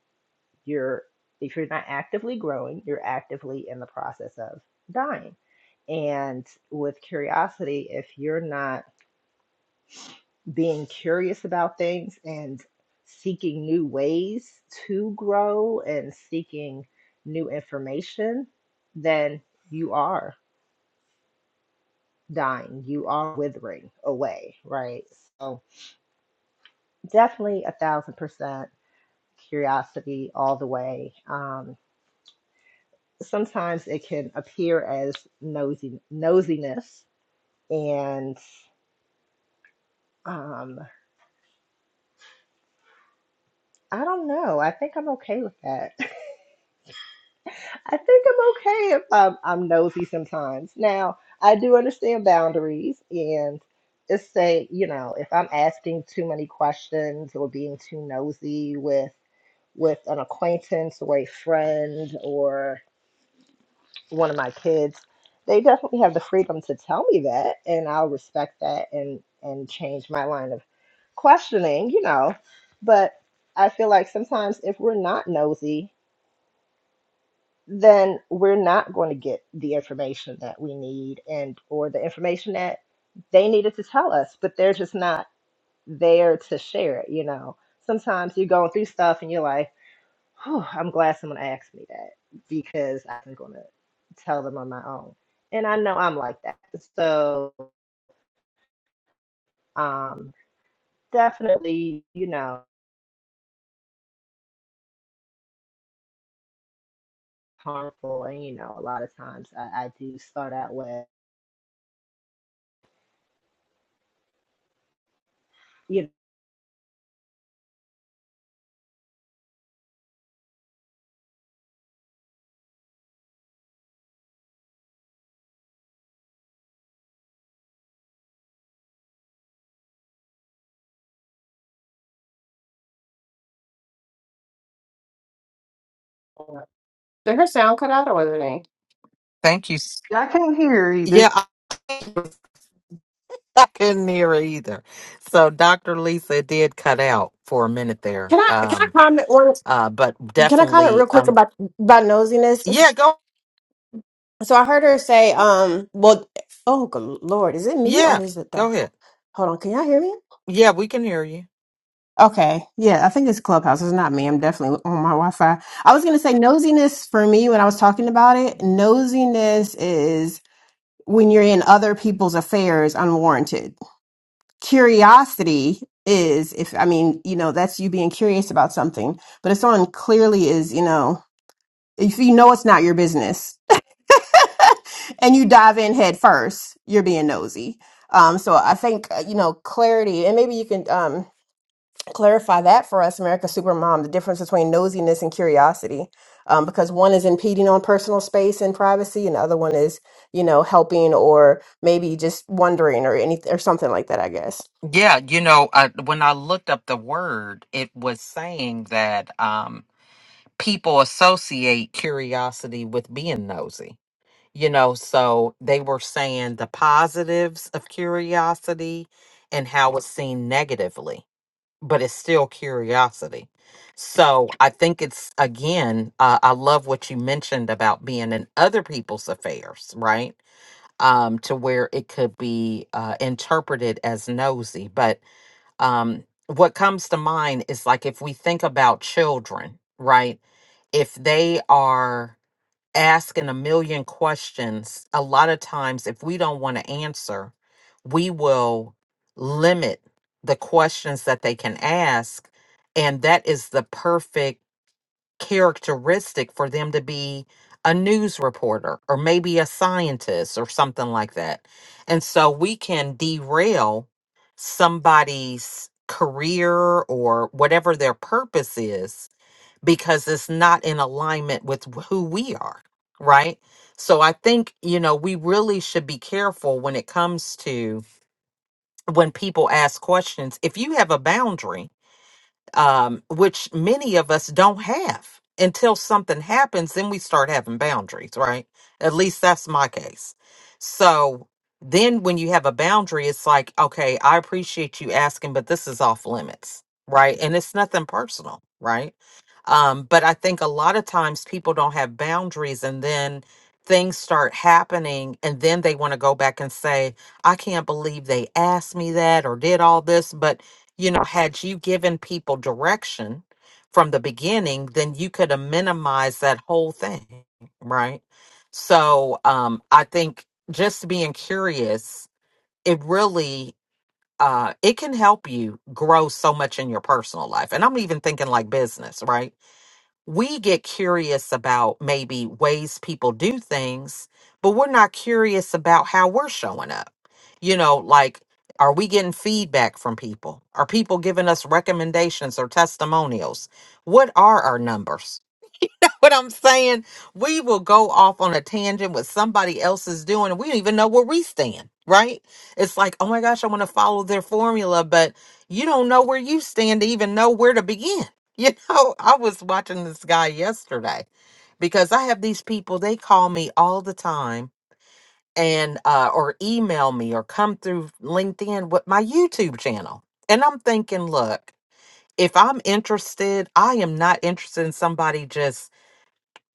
[SPEAKER 13] you're if you're not actively growing, you're actively in the process of dying. And with curiosity, if you're not being curious about things and seeking new ways to grow and seeking new information, then you are. dying, you are withering away, right? So definitely a thousand percent curiosity all the way. Um, sometimes it can appear as nosy nosiness, and um, I don't know. I think I'm okay with that. I think I'm okay if I'm, I'm nosy sometimes. Now I do understand boundaries and. it's say, you know, if I'm asking too many questions or being too nosy with with an acquaintance or a friend or one of my kids, they definitely have the freedom to tell me that, and I'll respect that and and change my line of questioning, you know. But I feel like sometimes if we're not nosy, then we're not going to get the information that we need and or the information that they needed to tell us, but they're just not there to share it, you know. Sometimes you're going through stuff and you're like Whew, I'm glad someone asked me that because I'm gonna tell them on my own. And I know I'm like that. So um definitely, you know, harmful and you know, a lot of times I, I do start out with you know
[SPEAKER 11] Did her sound cut out or was it me?
[SPEAKER 1] Thank you. s-
[SPEAKER 3] I can't hear either.
[SPEAKER 1] Yeah, I I couldn't hear either. So, Dr. Lisa it did cut out for a minute there.
[SPEAKER 11] Can I can I
[SPEAKER 1] Um,
[SPEAKER 11] comment one
[SPEAKER 1] uh, but
[SPEAKER 11] can I comment
[SPEAKER 1] definitely,
[SPEAKER 11] real quick
[SPEAKER 1] um,
[SPEAKER 11] about about nosiness?
[SPEAKER 1] yeah, go,
[SPEAKER 11] So I heard her say, um, well oh good lord, is it me or
[SPEAKER 1] yeah,
[SPEAKER 11] is it the
[SPEAKER 1] go ahead.
[SPEAKER 11] hold on, can y'all hear me?
[SPEAKER 1] Yeah, we can hear you.
[SPEAKER 11] Okay. Yeah, I think it's Clubhouse. It's not me. I'm definitely on my Wi Fi. I was gonna say nosiness for me when I was talking about it, nosiness is when you're in other people's affairs unwarranted. Curiosity is if I mean, you know, that's you being curious about something but if someone clearly is, you know, If you know it's not your business and you dive in head first, you're being nosy. Um, so I think, uh, you know, clarity, and maybe you can um, clarify that for us, America Supermom, the difference between nosiness and curiosity. Um, because one is impeding on personal space and privacy, and the other one is, you know, helping or maybe just wondering or anything or something like that, I guess.
[SPEAKER 1] Yeah, you know, I, when I looked up the word, it was saying that um, people associate curiosity with being nosy. You know, so they were saying the positives of curiosity and how it's seen negatively, but it's still curiosity. So I think it's again, uh, I love what you mentioned about being in other people's affairs, right? Um, to where it could be uh, interpreted as nosy, but um, what comes to mind is like if we think about children, right? If they are asking a million questions, a lot of times, if we don't want to answer, we will limit the questions that they can ask. And that is the perfect characteristic for them to be a news reporter or maybe a scientist or something like that. And so we can derail somebody's career or whatever their purpose is because it's not in alignment with wh- who we are, right? So I think, you know, we really should be careful when it comes to when people ask questions. If you have a boundary, um, which many of us don't have until something happens, then we start having boundaries, right? At least that's my case. So then when you have a boundary, it's like, okay, I appreciate you asking, but this is off limits, right? And it's nothing personal, right? Um, but I think a lot of times people don't have boundaries and then things start happening and then they want to go back and say, I can't believe they asked me that or did all this. But you know, had you given people direction from the beginning, then you could have minimized that whole thing, right? So um, I think just being curious, it really uh, it can help you grow so much in your personal life, and I'm even thinking like business, right? we get curious about maybe ways people do things, but we're not curious about how we're showing up. You know, like, are we getting feedback from people? Are people giving us recommendations or testimonials? What are our numbers? what I'm saying? We will go off on a tangent what somebody else is doing, and we don't even know where we stand, right? It's like, oh my gosh, I want to follow their formula, but you don't know where you stand to even know where to begin. You know, I was watching this guy yesterday because I have these people, they call me all the time and uh or email me or come through LinkedIn with my YouTube channel. And I'm thinking, look, if I'm interested, I am not interested in somebody just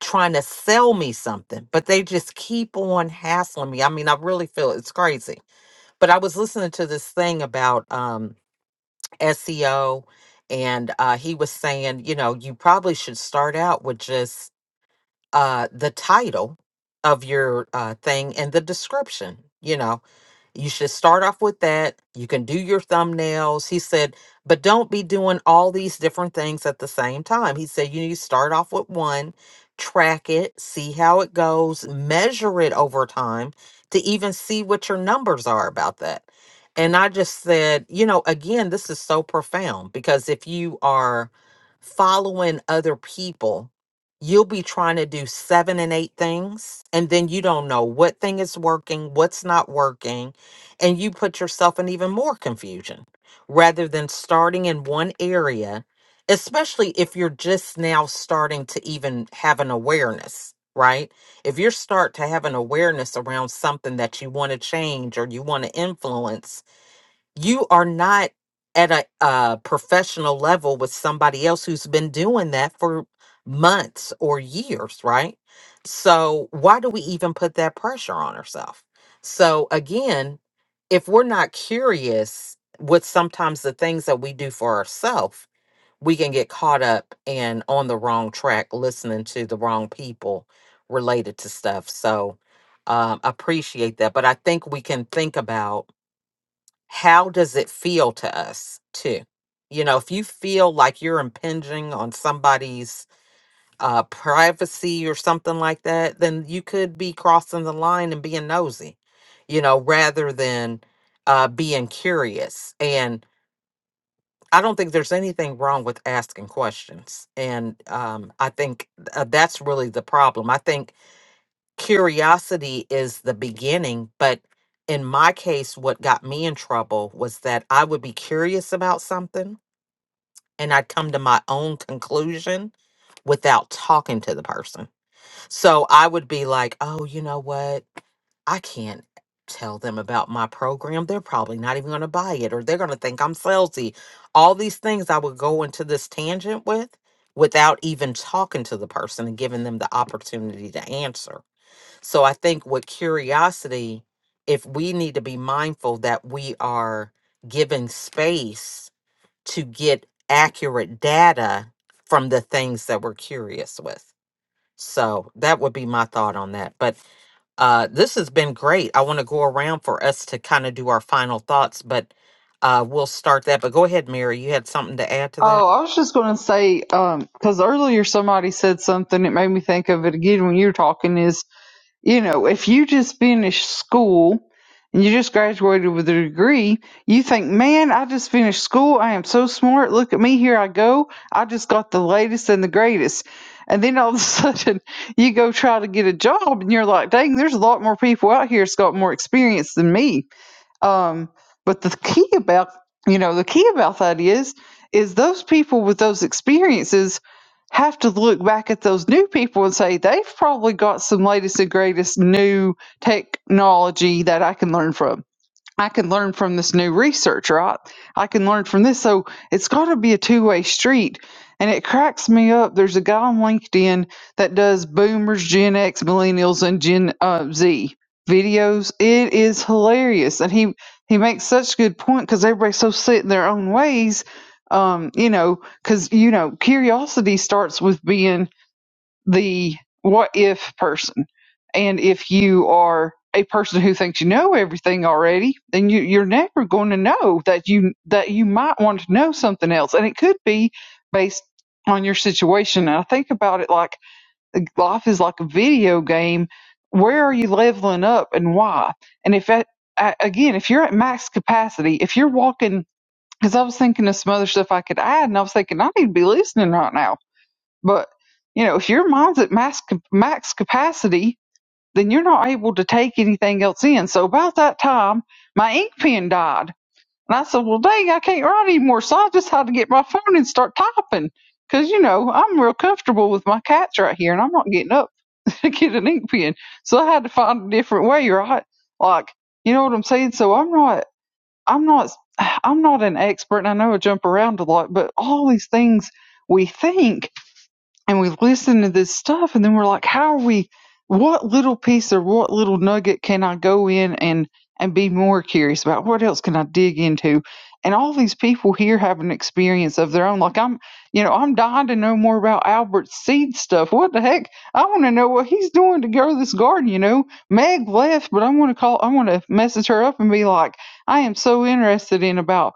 [SPEAKER 1] trying to sell me something, but they just keep on hassling me. I mean, I really feel it's crazy. But I was listening to this thing about um, SEO, and uh, he was saying, you know, you probably should start out with just uh, the title of your uh, thing and the description. You know, you should start off with that. You can do your thumbnails. He said, but don't be doing all these different things at the same time. He said, you need to start off with one, track it, see how it goes, measure it over time to even see what your numbers are about that. And I just said, you know, again, this is so profound because if you are following other people, you'll be trying to do seven and eight things, and then you don't know what thing is working, what's not working and you put yourself in even more confusion rather than starting in one area, especially if you're just now starting to even have an awareness, right? If you start to have an awareness around something that you want to change or you want to influence, you are not at a, uh professional level with somebody else who's been doing that for months or years, right? So why do we even put that pressure on ourselves? So again, if we're not curious with sometimes the things that we do for ourselves, we can get caught up and on the wrong track listening to the wrong people related to stuff. So um appreciate that. But I think we can think about how does it feel to us too you know if you feel like you're impinging on somebody's uh privacy or something like that then you could be crossing the line and being nosy you know rather than uh being curious and i don't think there's anything wrong with asking questions and um i think uh, that's really the problem i think curiosity is the beginning, but in my case, what got me in trouble was that I would be curious about something and I'd come to my own conclusion without talking to the person. So I would be like, oh, you know what? I can't tell them about my program. They're probably not even going to buy it or they're going to think I'm salesy. All these things I would go into this tangent with without even talking to the person and giving them the opportunity to answer. So I think with curiosity, if we need to be mindful that we are given space to get accurate data from the things that we're curious with. So that would be my thought on that. But uh, this has been great. I want to go around for us to kind of do our final thoughts, but uh, we'll start that. But go ahead, Mary. You had something to add to that?
[SPEAKER 3] Oh, I was just going to say, um, because earlier somebody said something that made me think of it again when you were talking is, you know, if you just finished school and you just graduated with a degree, you think, man, I just finished school. I am so smart. Look at me. Here I go. I just got the latest and the greatest. And then all of a sudden you go try to get a job and you're like, dang, there's a lot more people out here that's got more experience than me um, but the key about you know the key about that is is those people with those experiences have to look back at those new people and say they've probably got some latest and greatest new technology that I can learn from I can learn from this new research, right? I can learn from this. So it's got to be a two way street. And it cracks me up. There's a guy on LinkedIn that does boomers, Gen X, millennials, and Gen uh, Z videos. It is hilarious. And he, he makes such good point because everybody's so set in their own ways. Um, you know, because, you know, curiosity starts with being the what if person. And if you are a person who thinks you know everything already, then you, you're never going to know that you that you might want to know something else, and it could be based on your situation. And I think about it like life is like a video game. Where are you leveling up and why? And if at, a- again, if you're at max capacity, if you're walking, because I was thinking of some other stuff I could add, and I was thinking I need to be listening right now but you know, if your mind's at max max capacity, then you're not able to take anything else in. So about that time, my ink pen died, and I said, "Well, dang, I can't write anymore." So I just had to get my phone and start typing. Cause you know I'm real comfortable with my cats right here, and I'm not getting up to get an ink pen. So I had to find a different way, right? Like, you know what I'm saying? So I'm not, I'm not, I'm not an expert, and I know I jump around a lot, but all these things we think and we listen to this stuff and then we're like how are we what little piece or what little nugget can i go in and and be more curious about what else can i dig into and all these people here have an experience of their own like i'm you know i'm dying to know more about albert's seed stuff what the heck i want to know what he's doing to grow this garden you know meg left but i want to call i want to message her up and be like i am so interested in about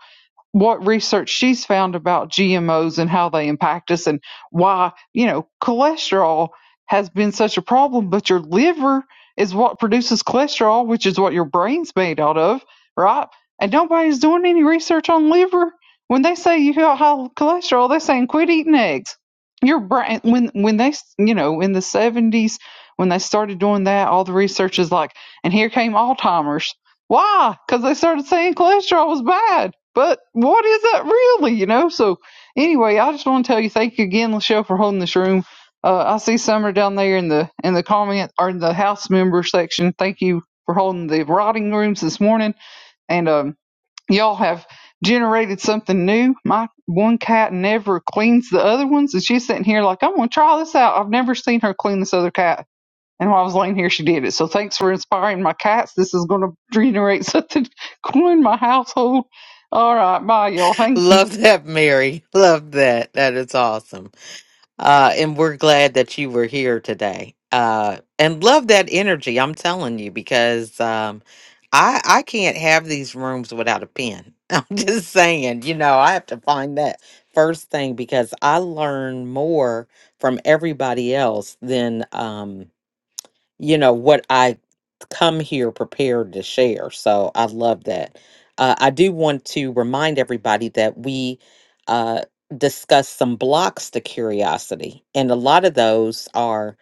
[SPEAKER 3] what research she's found about GMOs and how they impact us and why, you know, cholesterol has been such a problem, but your liver is what produces cholesterol, which is what your brain's made out of, right? And nobody's doing any research on liver. When they say you got high cholesterol, they're saying quit eating eggs. Your brain, when when they, you know, in the seventies, when they started doing that, all the research is like, and here came Alzheimer's why? Because they started saying cholesterol was bad. But what is that really, you know? So, anyway, I just want to tell you thank you again, Lachelle, for holding this room. Uh, I see Summer down there in the in the comment or in the house member section. Thank you for holding the rotting rooms this morning, and um, y'all have generated something new. My one cat never cleans the other ones, and she's sitting here like I'm gonna try this out. I've never seen her clean this other cat and while I was laying here, she did it. So thanks for inspiring my cats. This is going to generate something cool in my household. All right. Bye, y'all. Thank you.
[SPEAKER 1] Love that, Mary. Love that. That is awesome. Uh, and we're glad that you were here today. Uh, and love that energy, I'm telling you, because um, I I can't have these rooms without a pen. I'm just saying, you know, I have to find that first thing because I learn more from everybody else than um, you know what I come here prepared to share. So I love that. Uh, I do want to remind everybody that we uh, discussed some blocks to curiosity, and a lot of those are,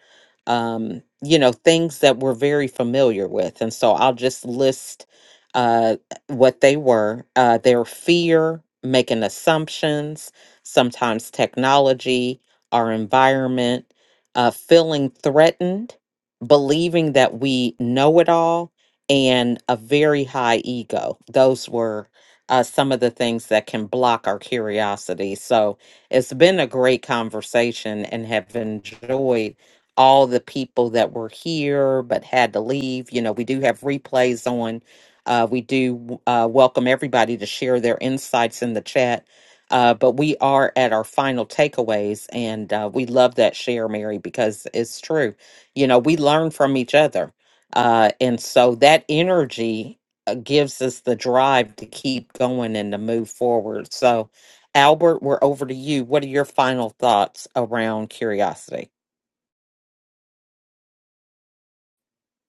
[SPEAKER 1] um, you know, things that we're very familiar with. And so I'll just list uh, what they were. Uh, their fear, making assumptions, sometimes technology, our environment, uh, feeling threatened believing that we know it all and a very high ego. Those were uh, some of the things that can block our curiosity. So it's been a great conversation and have enjoyed all the people that were here but had to leave. You know, we do have replays on. Uh, we do uh, welcome everybody to share their insights in the chat. Uh, but we are at our final takeaways, and uh, we love that share, Mary, because it's true you know, we learn from each other. Uh, and so that energy uh, gives us the drive to keep going and to move forward. So, Albert, we're over to you. What are your final thoughts around curiosity?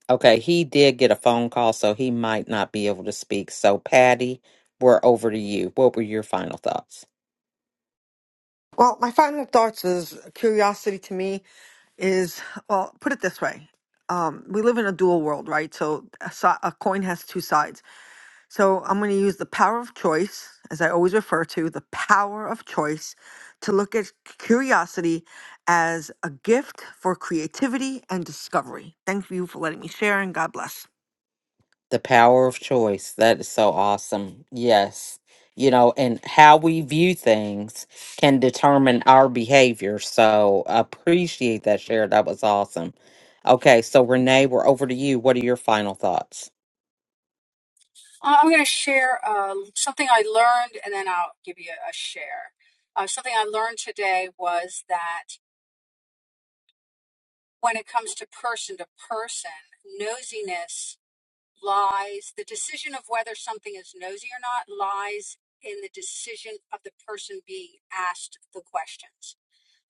[SPEAKER 1] Okay, he did get a phone call, so he might not be able to speak. So, Patty, we're over to you. What were your final thoughts?
[SPEAKER 7] Well, my final thoughts is curiosity to me is well, put it this way. Um, we live in a dual world, right? So a, si- a coin has two sides. So I'm going to use the power of choice, as I always refer to, the power of choice to look at curiosity as a gift for creativity and discovery. Thank you for letting me share and God bless.
[SPEAKER 1] The power of choice. That is so awesome. Yes. You know, and how we view things can determine our behavior. So appreciate that share. That was awesome. Okay, so Renee, we're over to you. What are your final thoughts?
[SPEAKER 5] Uh, I'm going to share uh, something I learned, and then I'll give you a a share. Uh, something I learned today was that when it comes to person to person, nosiness lies the decision of whether something is nosy or not lies in the decision of the person being asked the questions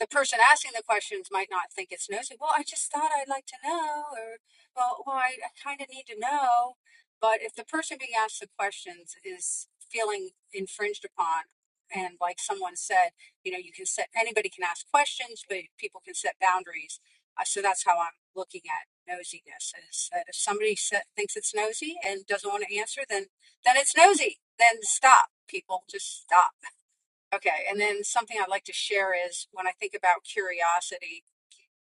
[SPEAKER 5] the person asking the questions might not think it's nosy. Well, I just thought I'd like to know, or well, well, I, I kind of need to know. But if the person being asked the questions is feeling infringed upon, and like someone said, you know, you can set anybody can ask questions, but people can set boundaries. Uh, so that's how I'm looking at nosiness is that if somebody sa thinks it's nosy and doesn't want to answer, then then it's nosy. Then stop, people. Just stop. Okay, and then something I'd like to share is when I think about curiosity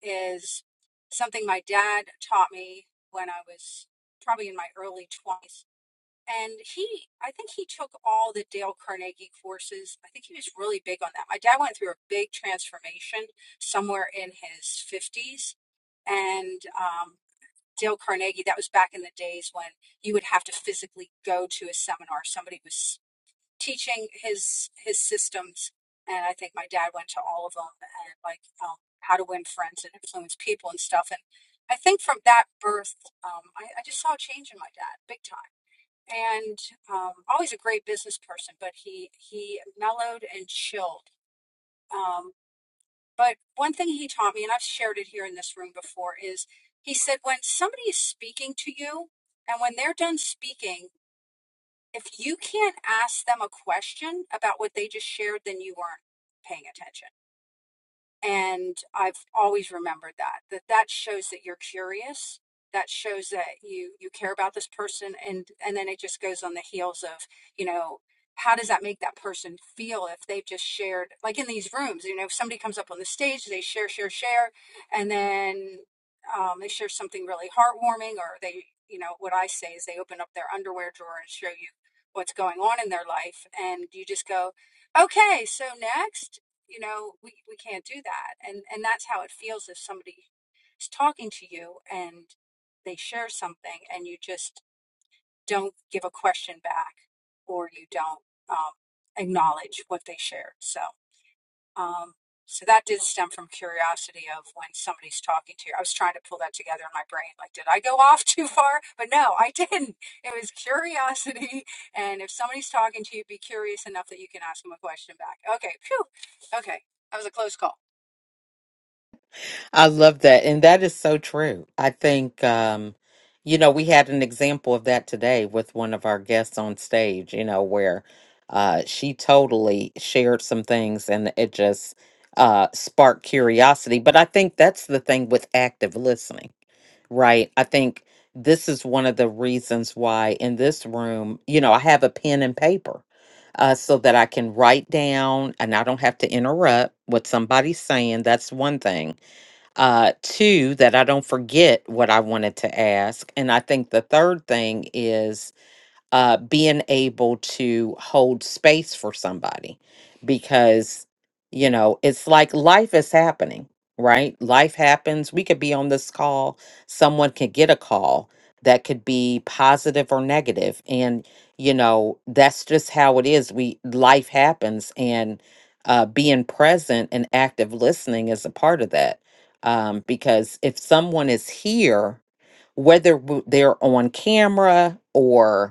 [SPEAKER 5] is something my dad taught me when I was probably in my early 20s. And he, I think he took all the Dale Carnegie courses. I think he was really big on that. My dad went through a big transformation somewhere in his 50s. And um, Dale Carnegie, that was back in the days when you would have to physically go to a seminar. Somebody was teaching his his systems and i think my dad went to all of them and like um, how to win friends and influence people and stuff and i think from that birth um, I, I just saw a change in my dad big time and um, always a great business person but he he mellowed and chilled um, but one thing he taught me and i've shared it here in this room before is he said when somebody is speaking to you and when they're done speaking if you can't ask them a question about what they just shared, then you weren't paying attention and i've always remembered that that that shows that you're curious that shows that you you care about this person and and then it just goes on the heels of you know how does that make that person feel if they've just shared like in these rooms you know if somebody comes up on the stage they share share share and then um, they share something really heartwarming or they you know what i say is they open up their underwear drawer and show you what's going on in their life and you just go okay so next you know we, we can't do that and and that's how it feels if somebody is talking to you and they share something and you just don't give a question back or you don't um, acknowledge what they shared so um, so that did stem from curiosity of when somebody's talking to you. I was trying to pull that together in my brain. Like, did I go off too far? But no, I didn't. It was curiosity. And if somebody's talking to you, be curious enough that you can ask them a question back. Okay, phew. Okay, that was a close call.
[SPEAKER 1] I love that. And that is so true. I think, um, you know, we had an example of that today with one of our guests on stage, you know, where uh, she totally shared some things and it just uh, sparked curiosity. But I think that's the thing with active listening, right? I think this is one of the reasons why in this room, you know, I have a pen and paper. Uh, so that I can write down and I don't have to interrupt what somebody's saying. That's one thing uh, two, that I don't forget what I wanted to ask. And I think the third thing is uh, being able to hold space for somebody because, you know, it's like life is happening, right? Life happens. We could be on this call, someone could get a call that could be positive or negative and you know that's just how it is we life happens and uh, being present and active listening is a part of that um, because if someone is here whether w- they're on camera or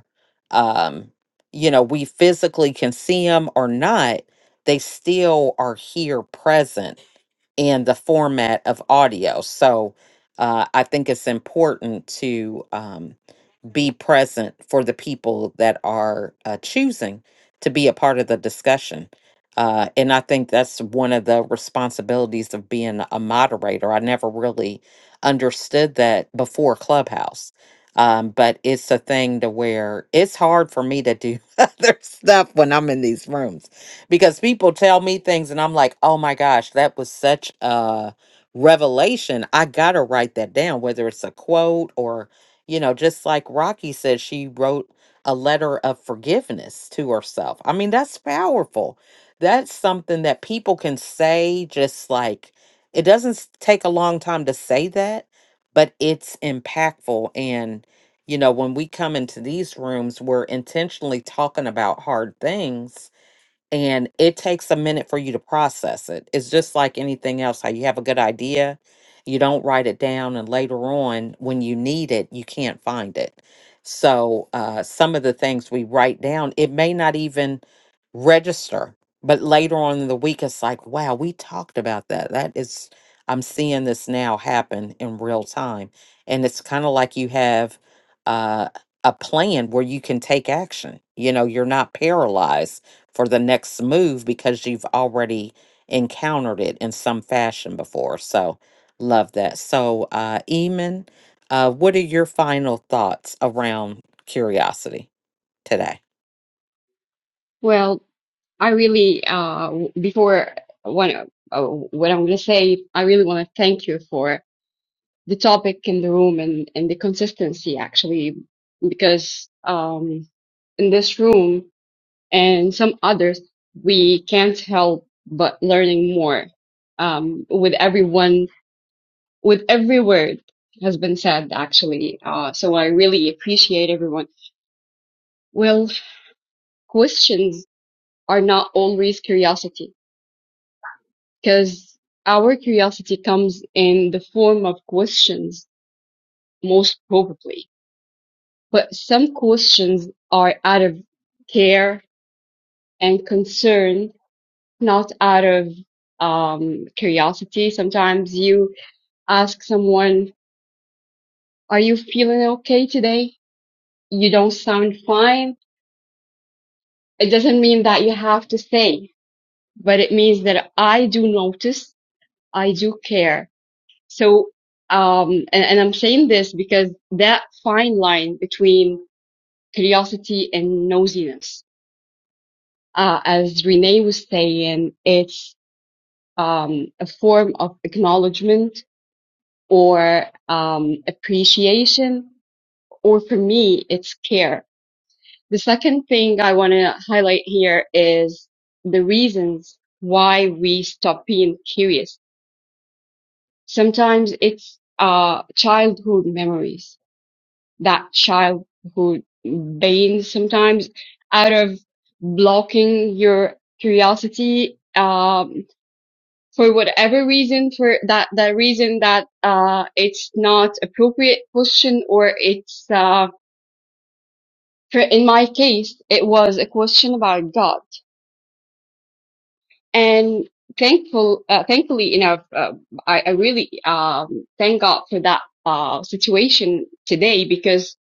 [SPEAKER 1] um, you know, we physically can see them or not, they still are here present in the format of audio. So uh, I think it's important to. Um, be present for the people that are uh, choosing to be a part of the discussion. Uh, and I think that's one of the responsibilities of being a moderator. I never really understood that before Clubhouse. Um, but it's a thing to where it's hard for me to do other stuff when I'm in these rooms because people tell me things and I'm like, oh my gosh, that was such a revelation. I got to write that down, whether it's a quote or you know, just like Rocky said, she wrote a letter of forgiveness to herself. I mean, that's powerful. That's something that people can say, just like it doesn't s- take a long time to say that, but it's impactful. And, you know, when we come into these rooms, we're intentionally talking about hard things and it takes a minute for you to process it. It's just like anything else, how you have a good idea, you don't write it down, and later on, when you need it, you can't find it. So, uh, some of the things we write down, it may not even register, but later on in the week, it's like, wow, we talked about that. That is, I'm seeing this now happen in real time. And it's kind of like you have uh, a plan where you can take action. You know, you're not paralyzed for the next move because you've already encountered it in some fashion before. So, love that. So, uh, Eamon, uh, what are your final thoughts around curiosity today?
[SPEAKER 12] well I really, uh, w- before one, uh, what I'm going to say, I really want to thank you for the topic in the room and, and the consistency actually, because, um, in this room and some others, we can't help but learning more, um, with everyone, with every word has been said actually. Uh, so I really appreciate everyone. Well, questions are not always curiosity Because our curiosity comes in the form of questions, most probably. But some questions are out of care and concern, not out of um, curiosity. Sometimes you ask someone, Are you feeling okay today? You don't sound fine. It doesn't mean that you have to say, but it means that I do notice, I do care So, um, and, and I'm saying this because that fine line between curiosity and nosiness, uh, as Renee was saying, it's um, a form of acknowledgement or um, appreciation, or for me, it's care. The second thing I want to highlight here is the reasons why we stop being curious. Sometimes it's uh, childhood memories that childhood pain sometimes out of blocking your curiosity um, for whatever reason for that that reason that uh, it's not appropriate question or it's uh, for, in my case it was a question about God and thankful uh, thankfully enough uh, I, I really um, thank God for that uh, situation today because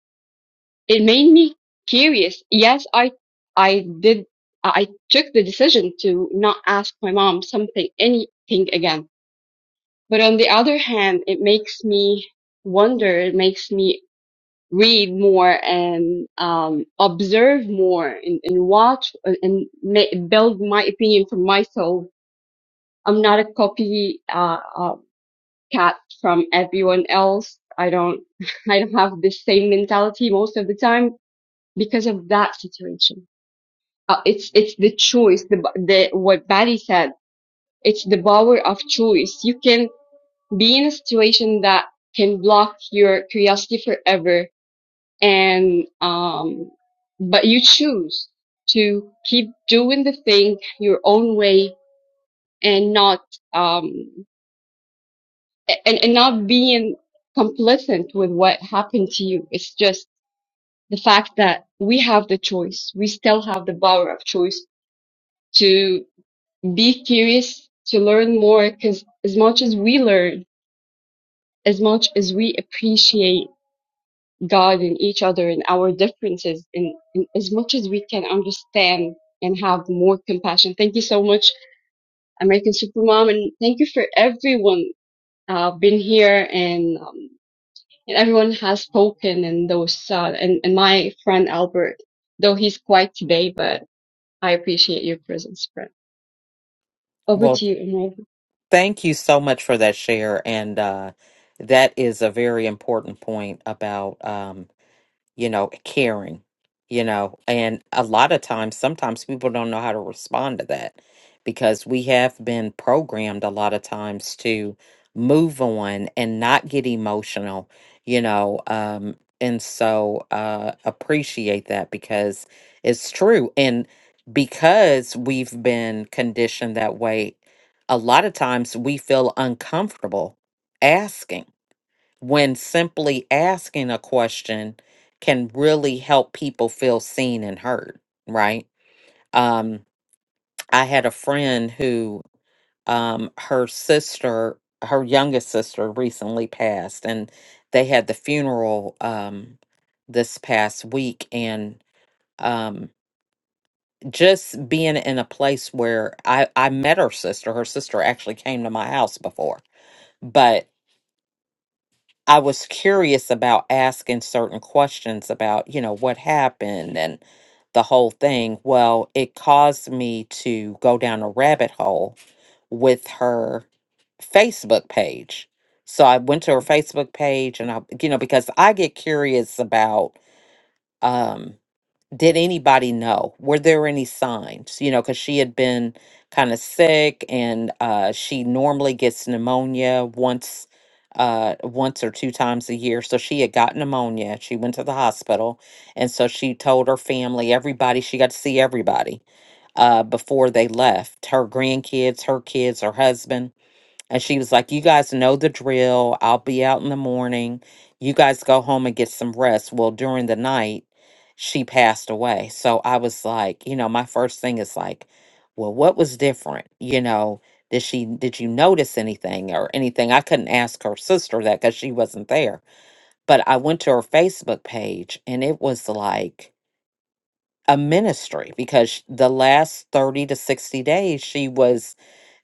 [SPEAKER 12] It made me curious. Yes, I, I did, I took the decision to not ask my mom something, anything again. But on the other hand, it makes me wonder. It makes me read more and um, observe more and, and watch and, and ma- build my opinion for myself. I'm not a copy uh, uh, cat from everyone else. I don't I don't have the same mentality most of the time because of that situation. uh, it's it's the choice the the what Barry said it's the power of choice you can be in a situation that can block your curiosity forever and um but you choose to keep doing the thing your own way and not um and, and not being complacent with what happened to you it's just the fact that we have the choice we still have the power of choice to. Be curious to learn more because as much as we learn, as much as we appreciate God and each other and our differences, and, and as much as we can understand and have more compassion. Thank you so much, American Supermom, and thank you for everyone uh, been here and um, and everyone has spoken and those uh, and, and my friend Albert, though he's quiet today, but I appreciate your presence, friend. Over
[SPEAKER 1] Well,
[SPEAKER 12] to you, Amir.
[SPEAKER 1] thank you so much for that share. And uh, that is a very important point about. Um, you know, caring, you know, and a lot of times, sometimes people don't know how to respond to that because we have been programmed a lot of times to move on and not get emotional, you know, um, and so uh, appreciate that because it's true. And because we've been conditioned that way, a lot of times we feel uncomfortable asking when simply asking a question can really help people feel seen and heard, right? Um, I had a friend who, um, her sister, her youngest sister recently passed, and they had the funeral um, this past week. And um, just being in a place where I, I met her sister, her sister actually came to my house before. but. I was curious about asking certain questions about, you know, what happened and the whole thing. Well, it caused me to go down a rabbit hole with her Facebook page. So I went to her Facebook page and I, you know, because I get curious about, um did anybody know? Were there any signs? You know, because she had been kind of sick, and uh, she normally gets pneumonia once, uh, once or two times a year. So she had got pneumonia. She went to the hospital, and so she told her family, everybody. She got to see everybody uh, before they left. Her grandkids, her kids, her husband and she was like, You guys know the drill. I'll be out in the morning. You guys go home and get some rest. Well, during the night, she passed away. So I was like, You know, my first thing is like, Well, what was different? You know, did she, did you notice anything or anything? I couldn't ask her sister that because she wasn't there. But I went to her Facebook page and it was like, a ministry because sh- the last 30 to 60 days she was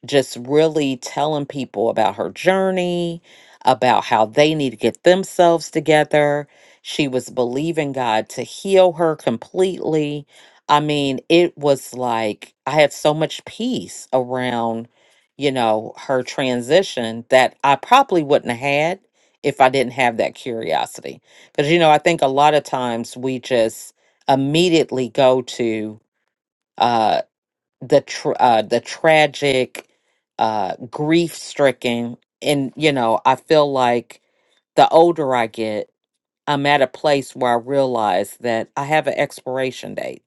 [SPEAKER 1] just really telling people about her journey, about how they need to get themselves together. She was believing God to heal her completely. I mean, it was like I had so much peace around, you know, her transition that I probably wouldn't have had if I didn't have that curiosity. Because, you know, I think a lot of times we just immediately go to, uh, the tr- uh, the tragic, uh, grief stricken, and you know, I feel like the older I get, I'm at a place where I realize that I have an expiration date,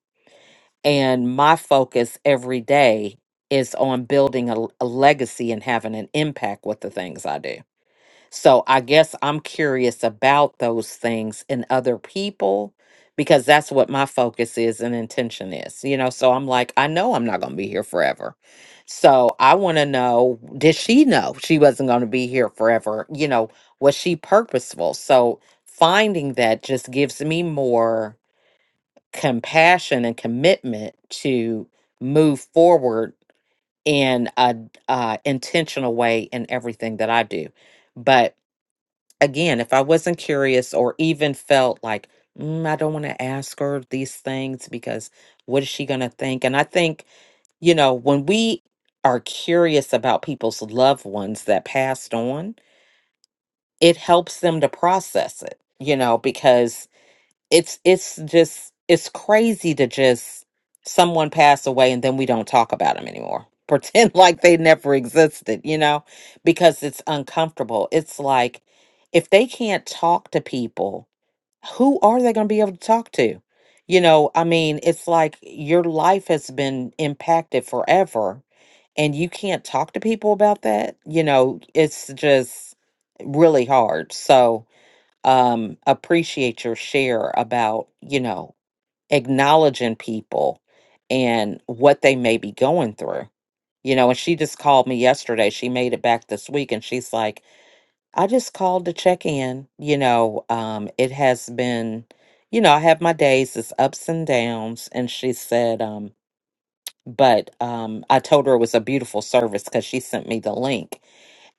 [SPEAKER 1] and my focus every day is on building a, a legacy and having an impact with the things I do so I guess I'm curious about those things in other people because that's what my focus is and intention is. You know, so I'm like, I know I'm not going to be here forever. So I want to know did she know she wasn't going to be here forever? You know, was she purposeful? So finding that just gives me more compassion and commitment to move forward in a uh, intentional way in everything that I do. But again, if I wasn't curious or even felt like, mm, I don't want to ask her these things because what is she going to think? And I think, you know, when we are curious about people's loved ones that passed on, it helps them to process it, you know, because it's it's just it's crazy to just someone pass away and then we don't talk about them anymore pretend like they never existed you know because it's uncomfortable it's like if they can't talk to people who are they going to be able to talk to you know i mean it's like your life has been impacted forever and you can't talk to people about that you know it's just really hard so um, appreciate your share about, you know, acknowledging people and what they may be going through. You know, and she just called me yesterday. She made it back this week and she's like, I just called to check in. You know, um, it has been, you know, I have my days, it's ups and downs. And she said, um, but um, I told her it was a beautiful service because she sent me the link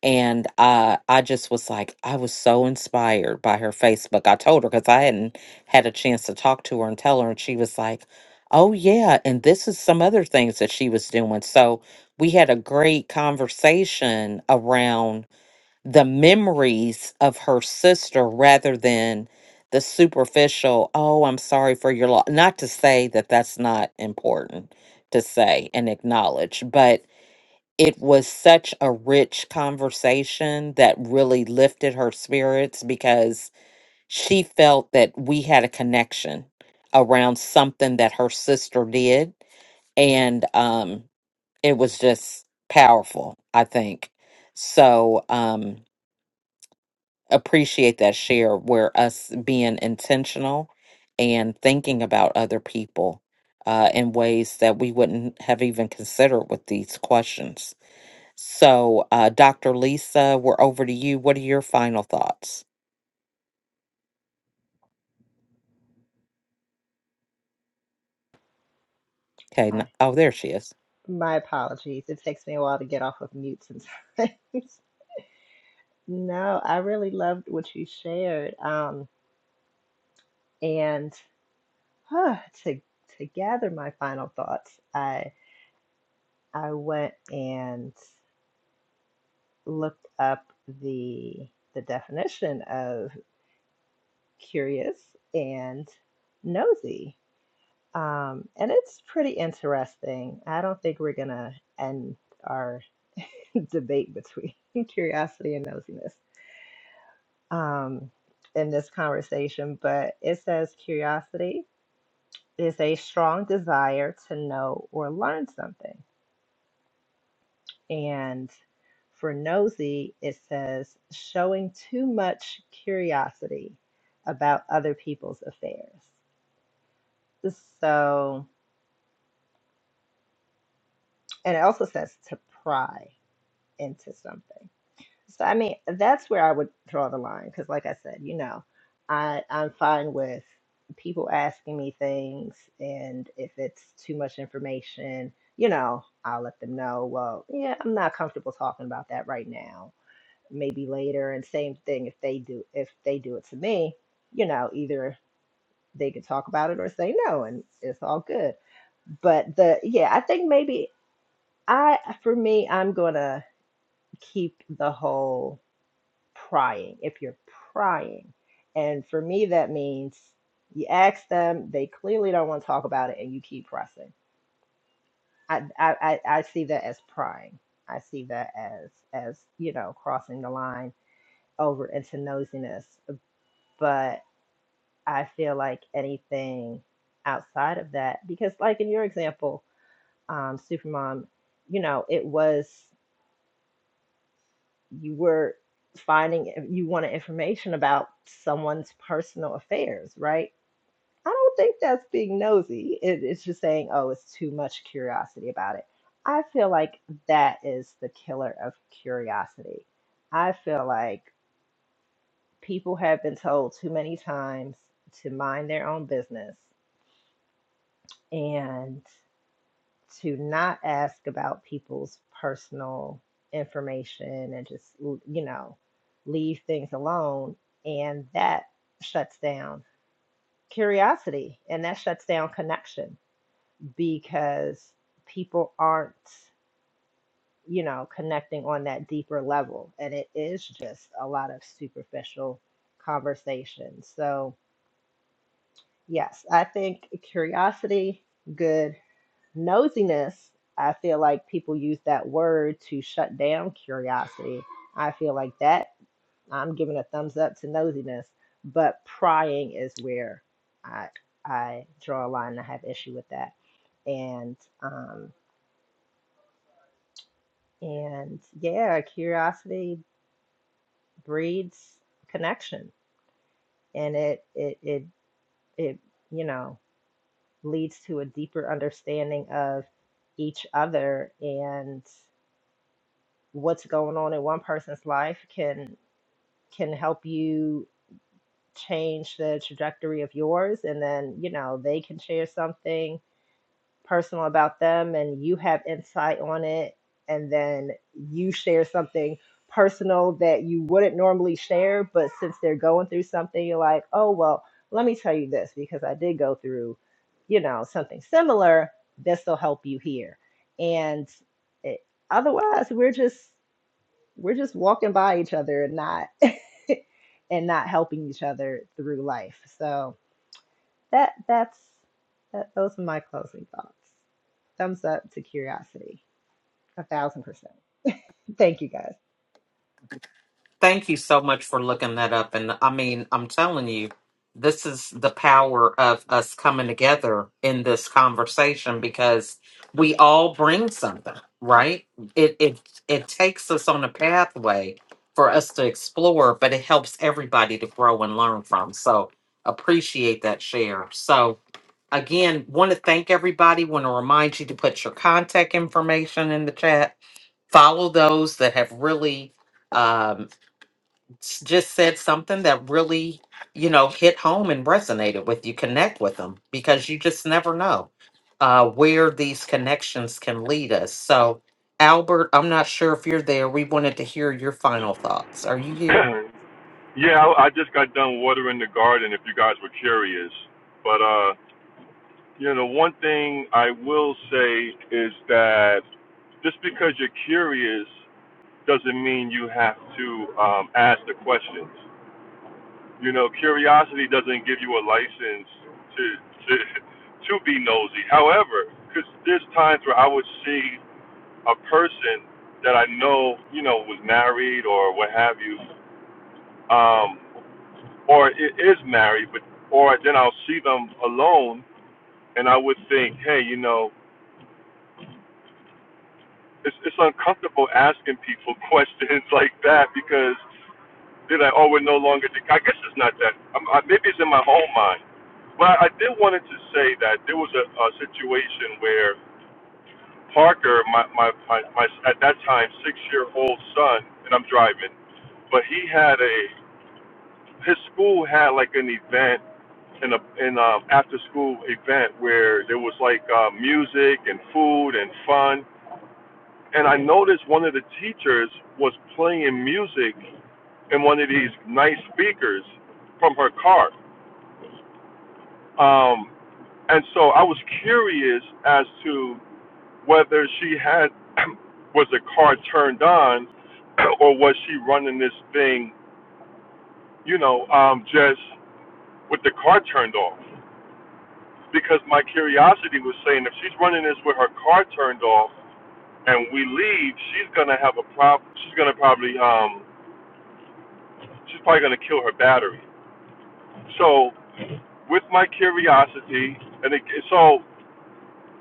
[SPEAKER 1] and I I just was like I was so inspired by her Facebook. I told her because I hadn't had a chance to talk to her and tell her, and she was like, "Oh yeah," and this is some other things that she was doing. So we had a great conversation around the memories of her sister rather than the superficial. Oh, I'm sorry for your loss. Not to say that that's not important to say and acknowledge, but it was such a rich conversation that really lifted her spirits because she felt that we had a connection around something that her sister did and um it was just powerful i think so um appreciate that share where us being intentional and thinking about other people uh in ways that we wouldn't have even considered with these questions so, uh, Dr. Lisa, we're over to you. What are your final thoughts? Okay. n-
[SPEAKER 13] I-
[SPEAKER 1] Oh, there she is.
[SPEAKER 13] my apologies. It takes me a while to get off of mute sometimes. no, I really loved what you shared. Um and uh, to to gather my final thoughts, I I went and looked up the the definition of curious and nosy. Um, and it's pretty interesting. I don't think we're gonna end our debate between curiosity and nosiness um, in this conversation, but it says curiosity is a strong desire to know or learn something. And for nosy, it says showing too much curiosity about other people's affairs. So, and it also says to pry into something. So, I mean, that's where I would draw the line because, like I said, you know, I, I'm fine with people asking me things, and if it's too much information, you know, I'll let them know, well, yeah, I'm not comfortable talking about that right now maybe later and same thing if they do if they do it to me you know either they can talk about it or say no and it's all good but the yeah i think maybe i for me i'm gonna keep the whole prying if you're prying and for me that means you ask them they clearly don't want to talk about it and you keep pressing i i i I see that as prying i see that as as you know crossing the line over into nosiness I feel like anything outside of that, because like in your example, um, Supermom, you know, it was you were finding you wanted information about someone's personal affairs, right? I don't think that's being nosy. It, it's just saying, oh, it's too much curiosity about it. I feel like that is the killer of curiosity. I feel like people have been told too many times to mind their own business and. to not ask about people's personal information and just you know leave things alone and that shuts down curiosity and that shuts down connection because people aren't you know connecting on that deeper level and it is just a lot of superficial conversation so yes i think curiosity good Nosiness, I feel like people use that word to shut down curiosity. I feel like that I'm giving a thumbs up to nosiness, but prying is where I I draw a line and I have issue with that. And um and yeah, curiosity breeds connection and it it it it you know leads to a deeper understanding of each other and. what's going on in one person's life can can help you change the trajectory of yours and then you know they can share something personal about them and you have insight on it and then you share something personal that you wouldn't normally share but since they're going through something you're like oh well let me tell you this because i did go through you know something similar this will help you here and it, otherwise we're just we're just walking by each other and not and not helping each other through life. So that that's that, those are my closing thoughts. Thumbs up to curiosity, a thousand percent. Thank you guys.
[SPEAKER 1] Thank you so much for looking that up. And I mean, I'm telling you, this is the power of us coming together in this conversation because we all bring something, right? It it it takes us on a pathway for us to explore, but it helps everybody to grow and learn from. So appreciate that share. So again, want to thank everybody. Want to remind you to put your contact information in the chat. Follow those that have really um, s- just said something that really, you know, hit home and resonated with you. Connect with them because you just never know uh, where these connections can lead us. So, Albert, I'm not sure if you're there. We wanted to hear your final thoughts. Are you here?
[SPEAKER 2] Yeah, I, I just got done watering the garden. If you guys were curious, but uh, you know, one thing I will say is that just because you're curious doesn't mean you have to um, ask the questions. You know, curiosity doesn't give you a license to to to be nosy. However, because there's times where I would see a person that I know, you know, was married or what have you. um, or it is married, but or then I'll see them alone, and I would think, hey, you know, it's it's uncomfortable asking people questions like that because they're like, oh, we're no longer. together. I guess it's not that. I'm, I, maybe it's in my own mind. But I, I did wanted to say that there was a, a situation where Parker, my, my my my at that time six year old son, and I'm driving, but he had a his school had like an event in a in um after school event where there was like uh, music and food and fun and I noticed one of the teachers was playing music in one of these nice speakers from her car um and so I was curious as to whether she had was the car turned on or was she running this thing you know um just with the car turned off because my curiosity was saying if she's running this with her car turned off and we leave, she's gonna have a problem. She's gonna probably um, she's probably gonna kill her battery. So with my curiosity, and it, so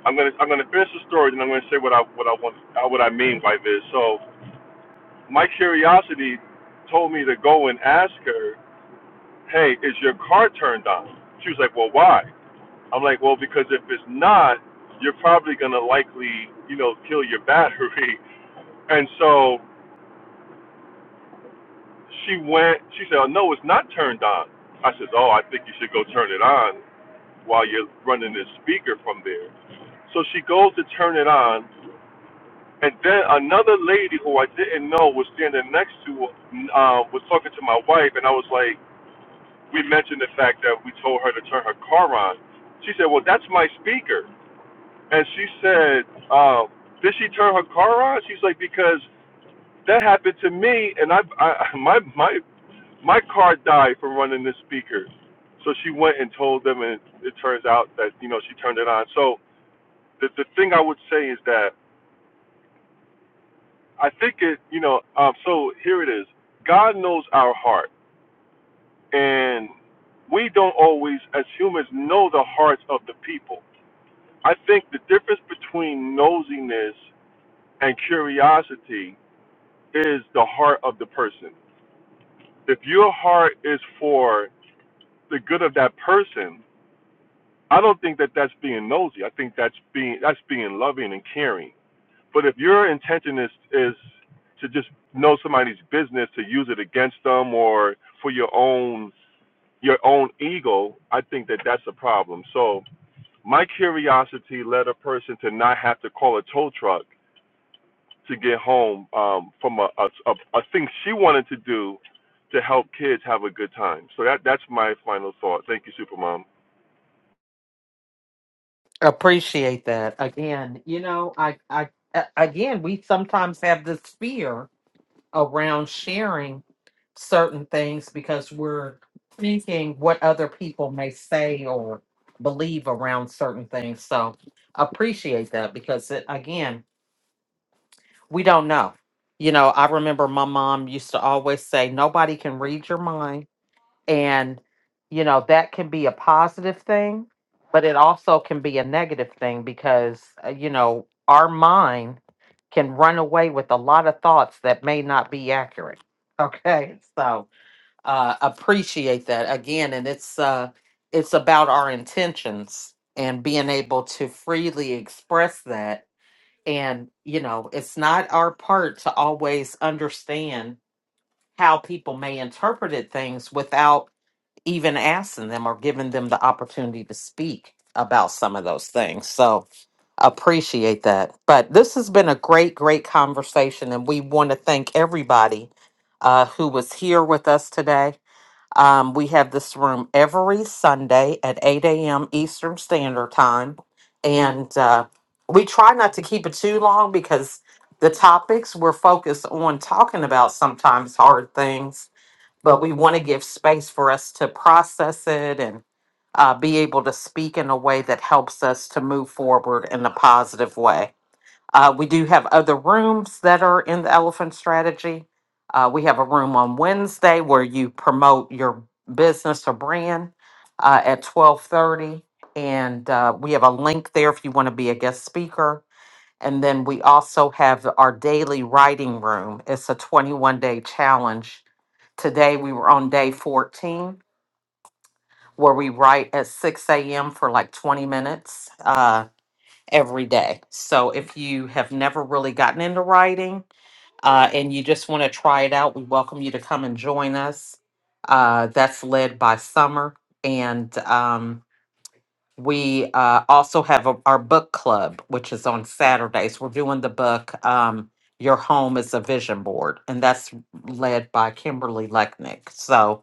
[SPEAKER 2] I'm gonna I'm gonna finish the story, and I'm gonna say what I what I want uh, what I mean by this. So my curiosity told me to go and ask her, hey, is your car turned on? She was like, well, why? I'm like, well, because if it's not, you're probably gonna likely, you know, kill your battery. And so she went, she said, oh, no, it's not turned on. I said, oh, I think you should go turn it on while you're running this speaker from there. So she goes to turn it on. And then another lady who I didn't know was standing next to, uh, was talking to my wife. And I was like, we mentioned the fact that we told her to turn her car on. She said, well, that's my speaker. And she said, uh, did she turn her car on? She's like, because that happened to me. And I, I my, my my car died from running this speaker. So she went and told them, and it turns out that you know she turned it on. So the the thing I would say is that I think it you know um so here it is. God knows our heart, and we don't always as humans know the hearts of the people. I think the difference between nosiness and curiosity is the heart of the person. If your heart is for the good of that person, I don't think that that's being nosy. I think that's being that's being loving and caring. But if your intention is is to just know somebody's business to use it against them or for your own your own ego, I think that that's a problem. So my curiosity led a person to not have to call a tow truck to get home um, from a, a, a, a thing she wanted to do to help kids have a good time. So that that's my final thought. Thank you, Supermom.
[SPEAKER 1] Appreciate that. Again, you know, I, I, a- again, we sometimes have this fear around sharing certain things because we're thinking what other people may say or believe around certain things. So appreciate that because it, again, we don't know. You know, I remember my mom used to always say, nobody can read your mind. And, you know, that can be a positive thing, but it also can be a negative thing because, uh, you know, our mind can run away with a lot of thoughts that may not be accurate. Okay. So, uh, appreciate that again. And it's, uh, it's about our intentions and being able to freely express that. And, you know, it's not our part to always understand how people may interpret things without even asking them or giving them the opportunity to speak about some of those things. So appreciate that. But this has been a great, great conversation, and we want to thank everybody uh, who was here with us today. Um, we have this room every Sunday at 8 a.m. Eastern Standard Time, and uh, we try not to keep it too long because the topics we're focused on talking about sometimes hard things but we want to give space for us to process it and uh, be able to speak in a way that helps us to move forward in a positive way. Uh, we do have other rooms that are in the elephant strategy. Uh, we have a room on Wednesday where you promote your business or brand uh, at 1230. And uh, we have a link there if you want to be a guest speaker. And then we also have our daily writing room. It's a 21 day challenge Today we were on day 14 where we write at 6 a.m. for like 20 minutes uh, every day. So if you have never really gotten into writing uh, and you just want to try it out, we welcome you to come and join us. Uh, that's led by Summer. And um, we uh, also have a, our book club, which is on Saturdays. We're doing the book. Um, your home is a vision board, and that's led by Kimberly Lechnick. So,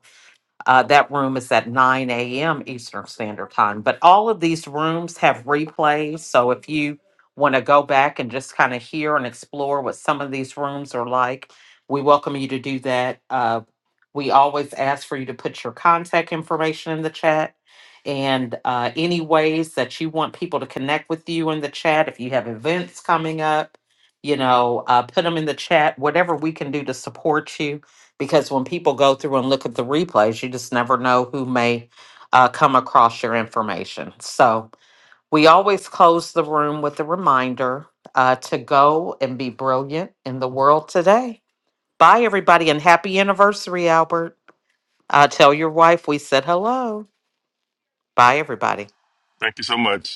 [SPEAKER 1] Uh, that room is at 9 a.m. Eastern Standard Time. But all of these rooms have replays. So if you want to go back and just kind of hear and explore what some of these rooms are like, we welcome you to do that. Uh, we always ask for you to put your contact information in the chat and uh, any ways that you want people to connect with you in the chat. If you have events coming up, you know, uh, put them in the chat, whatever we can do to support you because when people go through and look at the replays, you just never know who may uh, come across your information. So we always close the room with a reminder uh, to go and be brilliant in the world today. Bye, everybody, and happy anniversary, Albert. Uh, tell your wife we said hello. Bye, everybody.
[SPEAKER 2] Thank you so much.